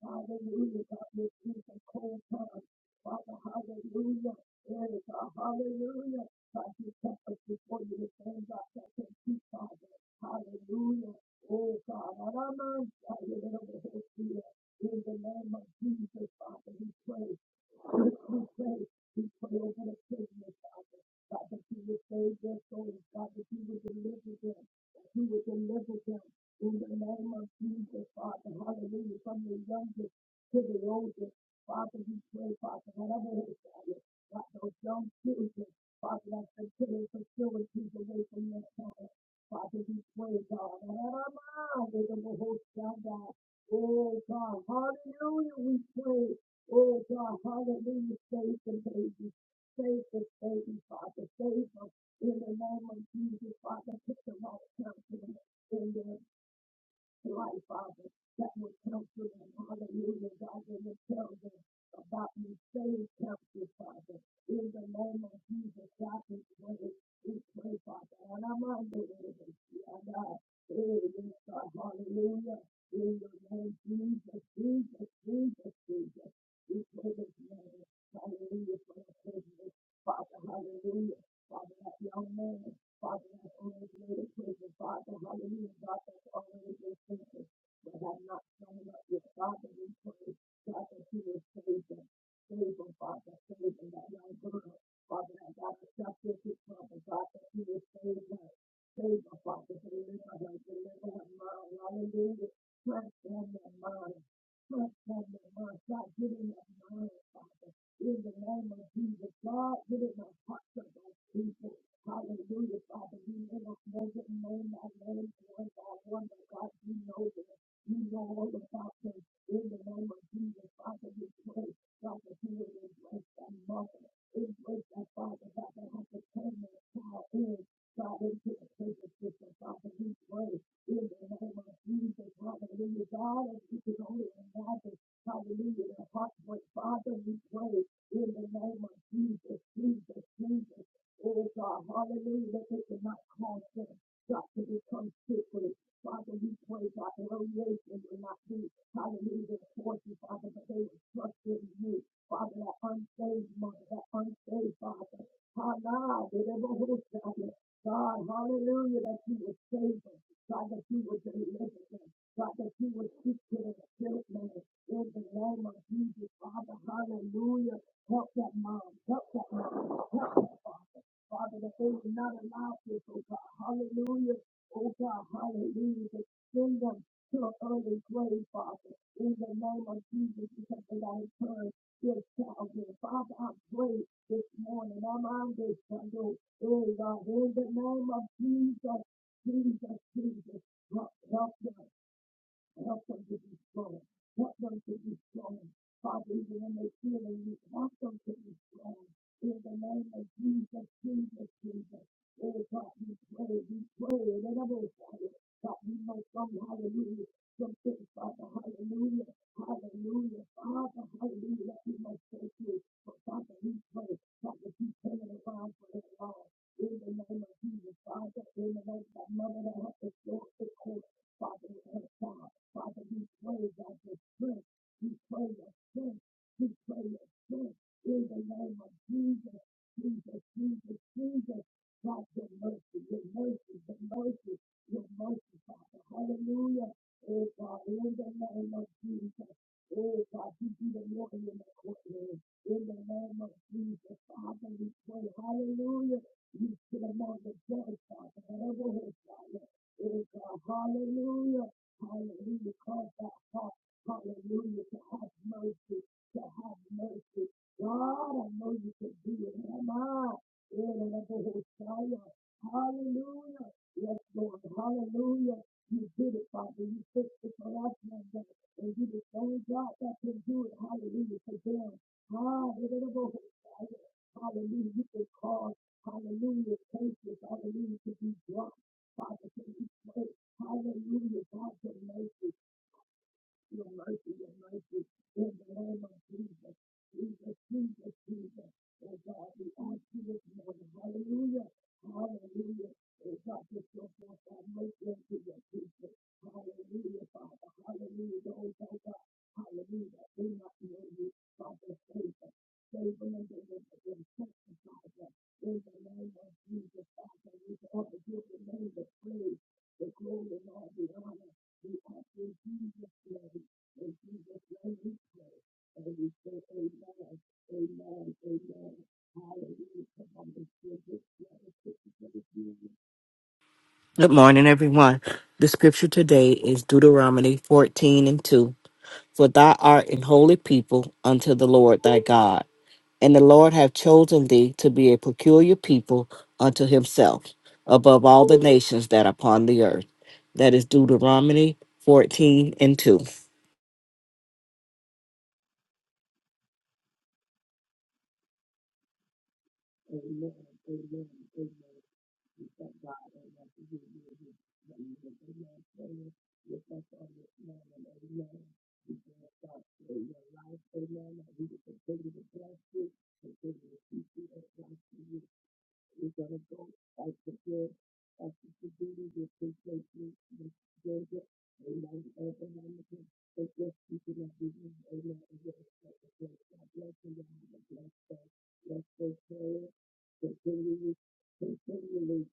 S3: Hallelujah, God, this is a cold time. Father, hallelujah. There is a hallelujah. God, you kept us before you this morning, God. thank you, Father. Hallelujah. Oh, God, I don't mind. I live the whole fear. In the name of Jesus, Father, we pray. We pray. We pray over the prisoners. God, that you would save their souls. God, that you would deliver them. That you would deliver them. In the name of Jesus, Father, hallelujah. From the youngest to the oldest, Father, we pray, Father, whatever it is, Father, God, those young children, Father, that they put in facilities away from their parents. Father, we pray, God, whatever mind they will hold down, God. Oh, God, hallelujah, we pray. Oh, God, hallelujah, save the babies. Save this baby, Father. Save her in the name of Jesus, Father. Put the right counselor in there life, Father, that will counsel them. Hallelujah, God, they will tell them about you. Save counsel, Father. In the name of Jesus, God, we pray. We pray, Father. And I'm on the way to see our God. Hey, yes, God, hallelujah. In the name of Jesus, Jesus, Jesus, Jesus. We pray this morning. Hallelujah for the privilege. Father, hallelujah. Father, that young man. Father, that's already made a prison, Father, hallelujah, God, that's already been taken. But I'm not coming up with Father, we pray, God, that you will save them. Save them, Father, save them, that young girl. Father, that God, the substitute, Father, God, that you will save them. Save them, Father, deliver them, deliver her mind, hallelujah. Transform their mind, transform their mind, God, give them that mind, Father in the name of Jesus. God, give in the heart of those people. Hallelujah, Father. You never know the name by name, one by one, but God, you know that You know all about them. In the name of Jesus, Father, we pray, God, that you will embrace that mother. Embrace that father, God, that has to turn their child in. God, into the prison system, Father, we pray. In the name of Jesus, hallelujah. God, as you can only imagine, hallelujah, the heartbreak, Father, we pray in the name of Jesus, Jesus, Jesus. Oh God, hallelujah, that they could not cause them, God, to become sickly. Father, we pray, God, that variation will not be, hallelujah, towards you. Father, but they will trust in you. Father, that unsaved mother, that unsaved father. Hallelujah, they never will stop it. God, hallelujah, that you would save them. God, that you would deliver them. God, that you would speak to them, spirit man, in the name of Jesus, Father, hallelujah. Help that mom. Help that mom. Help that father. Father, that they will not allow this, oh God. Hallelujah. Oh God, hallelujah. To send them to an early grave, Father. In the name of Jesus, because they got turned turn their child here. Father, I pray this morning. I'm on this Sunday. Oh God, in the name of Jesus, Jesus, Jesus. Help, help them. Help them to be strong. Help them to be strong. Father, when they feel they need, help them to be strong. In the name of Jesus, Jesus, Jesus. Oh God, we pray, we pray, that I will say it. God, we know come. hallelujah, some things, Father, hallelujah, hallelujah, Father, hallelujah, that we must go you, But Father, we pray, Father, keep turn around for their lives. In the name of Jesus, Father, in the name of that mother that has to go to court, Father, with her child. Father, we pray that your strength, we pray your strength, we pray your strength in the name of Jesus, Jesus, Jesus, Jesus. God, your mercy, your mercy, your mercy, your mercy, Father. Hallelujah. Oh God, in the name of Jesus. Oh God, you be the one in the courtroom. In the name of Jesus, Father, we pray. Hallelujah. You sit among the joy, Father. Whatever hurts, Father. Oh God, hallelujah. Hallelujah. Cause that heart. Hallelujah. To have mercy. To have mercy. God, I know you can do it. Am I? Hallelujah. Yes, Lord. Hallelujah. You did it, Father. You fixed it for us, man. And you the only God that can do it. Hallelujah. For them. Hallelujah. You can cause, hallelujah, cases, hallelujah, to be dropped. Hallelujah, God, your mercy, your mercy, your mercy, in the name of Jesus, Jesus, Jesus, Jesus, oh God, we ask you this morning, hallelujah, hallelujah, oh God, just show forth that mercy unto your people, hallelujah, Father, hallelujah, those that are do not know you, save them in the name of Jesus, the glory and all the honor, and we say amen, amen, amen, hallelujah, come on, let's give this
S5: Good morning, everyone. The scripture today is Deuteronomy 14 and 2. For thou art an holy people unto the Lord thy God, and the Lord hath chosen thee to be a peculiar people unto himself, above all the nations that are upon the earth. That is Deuteronomy 14 and 2.
S3: Let's Lord. Bless, Continue, this continually,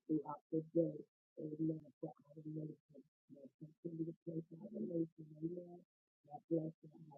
S3: throughout the day. Amen. For our nation, to our nation. Amen. Bless you.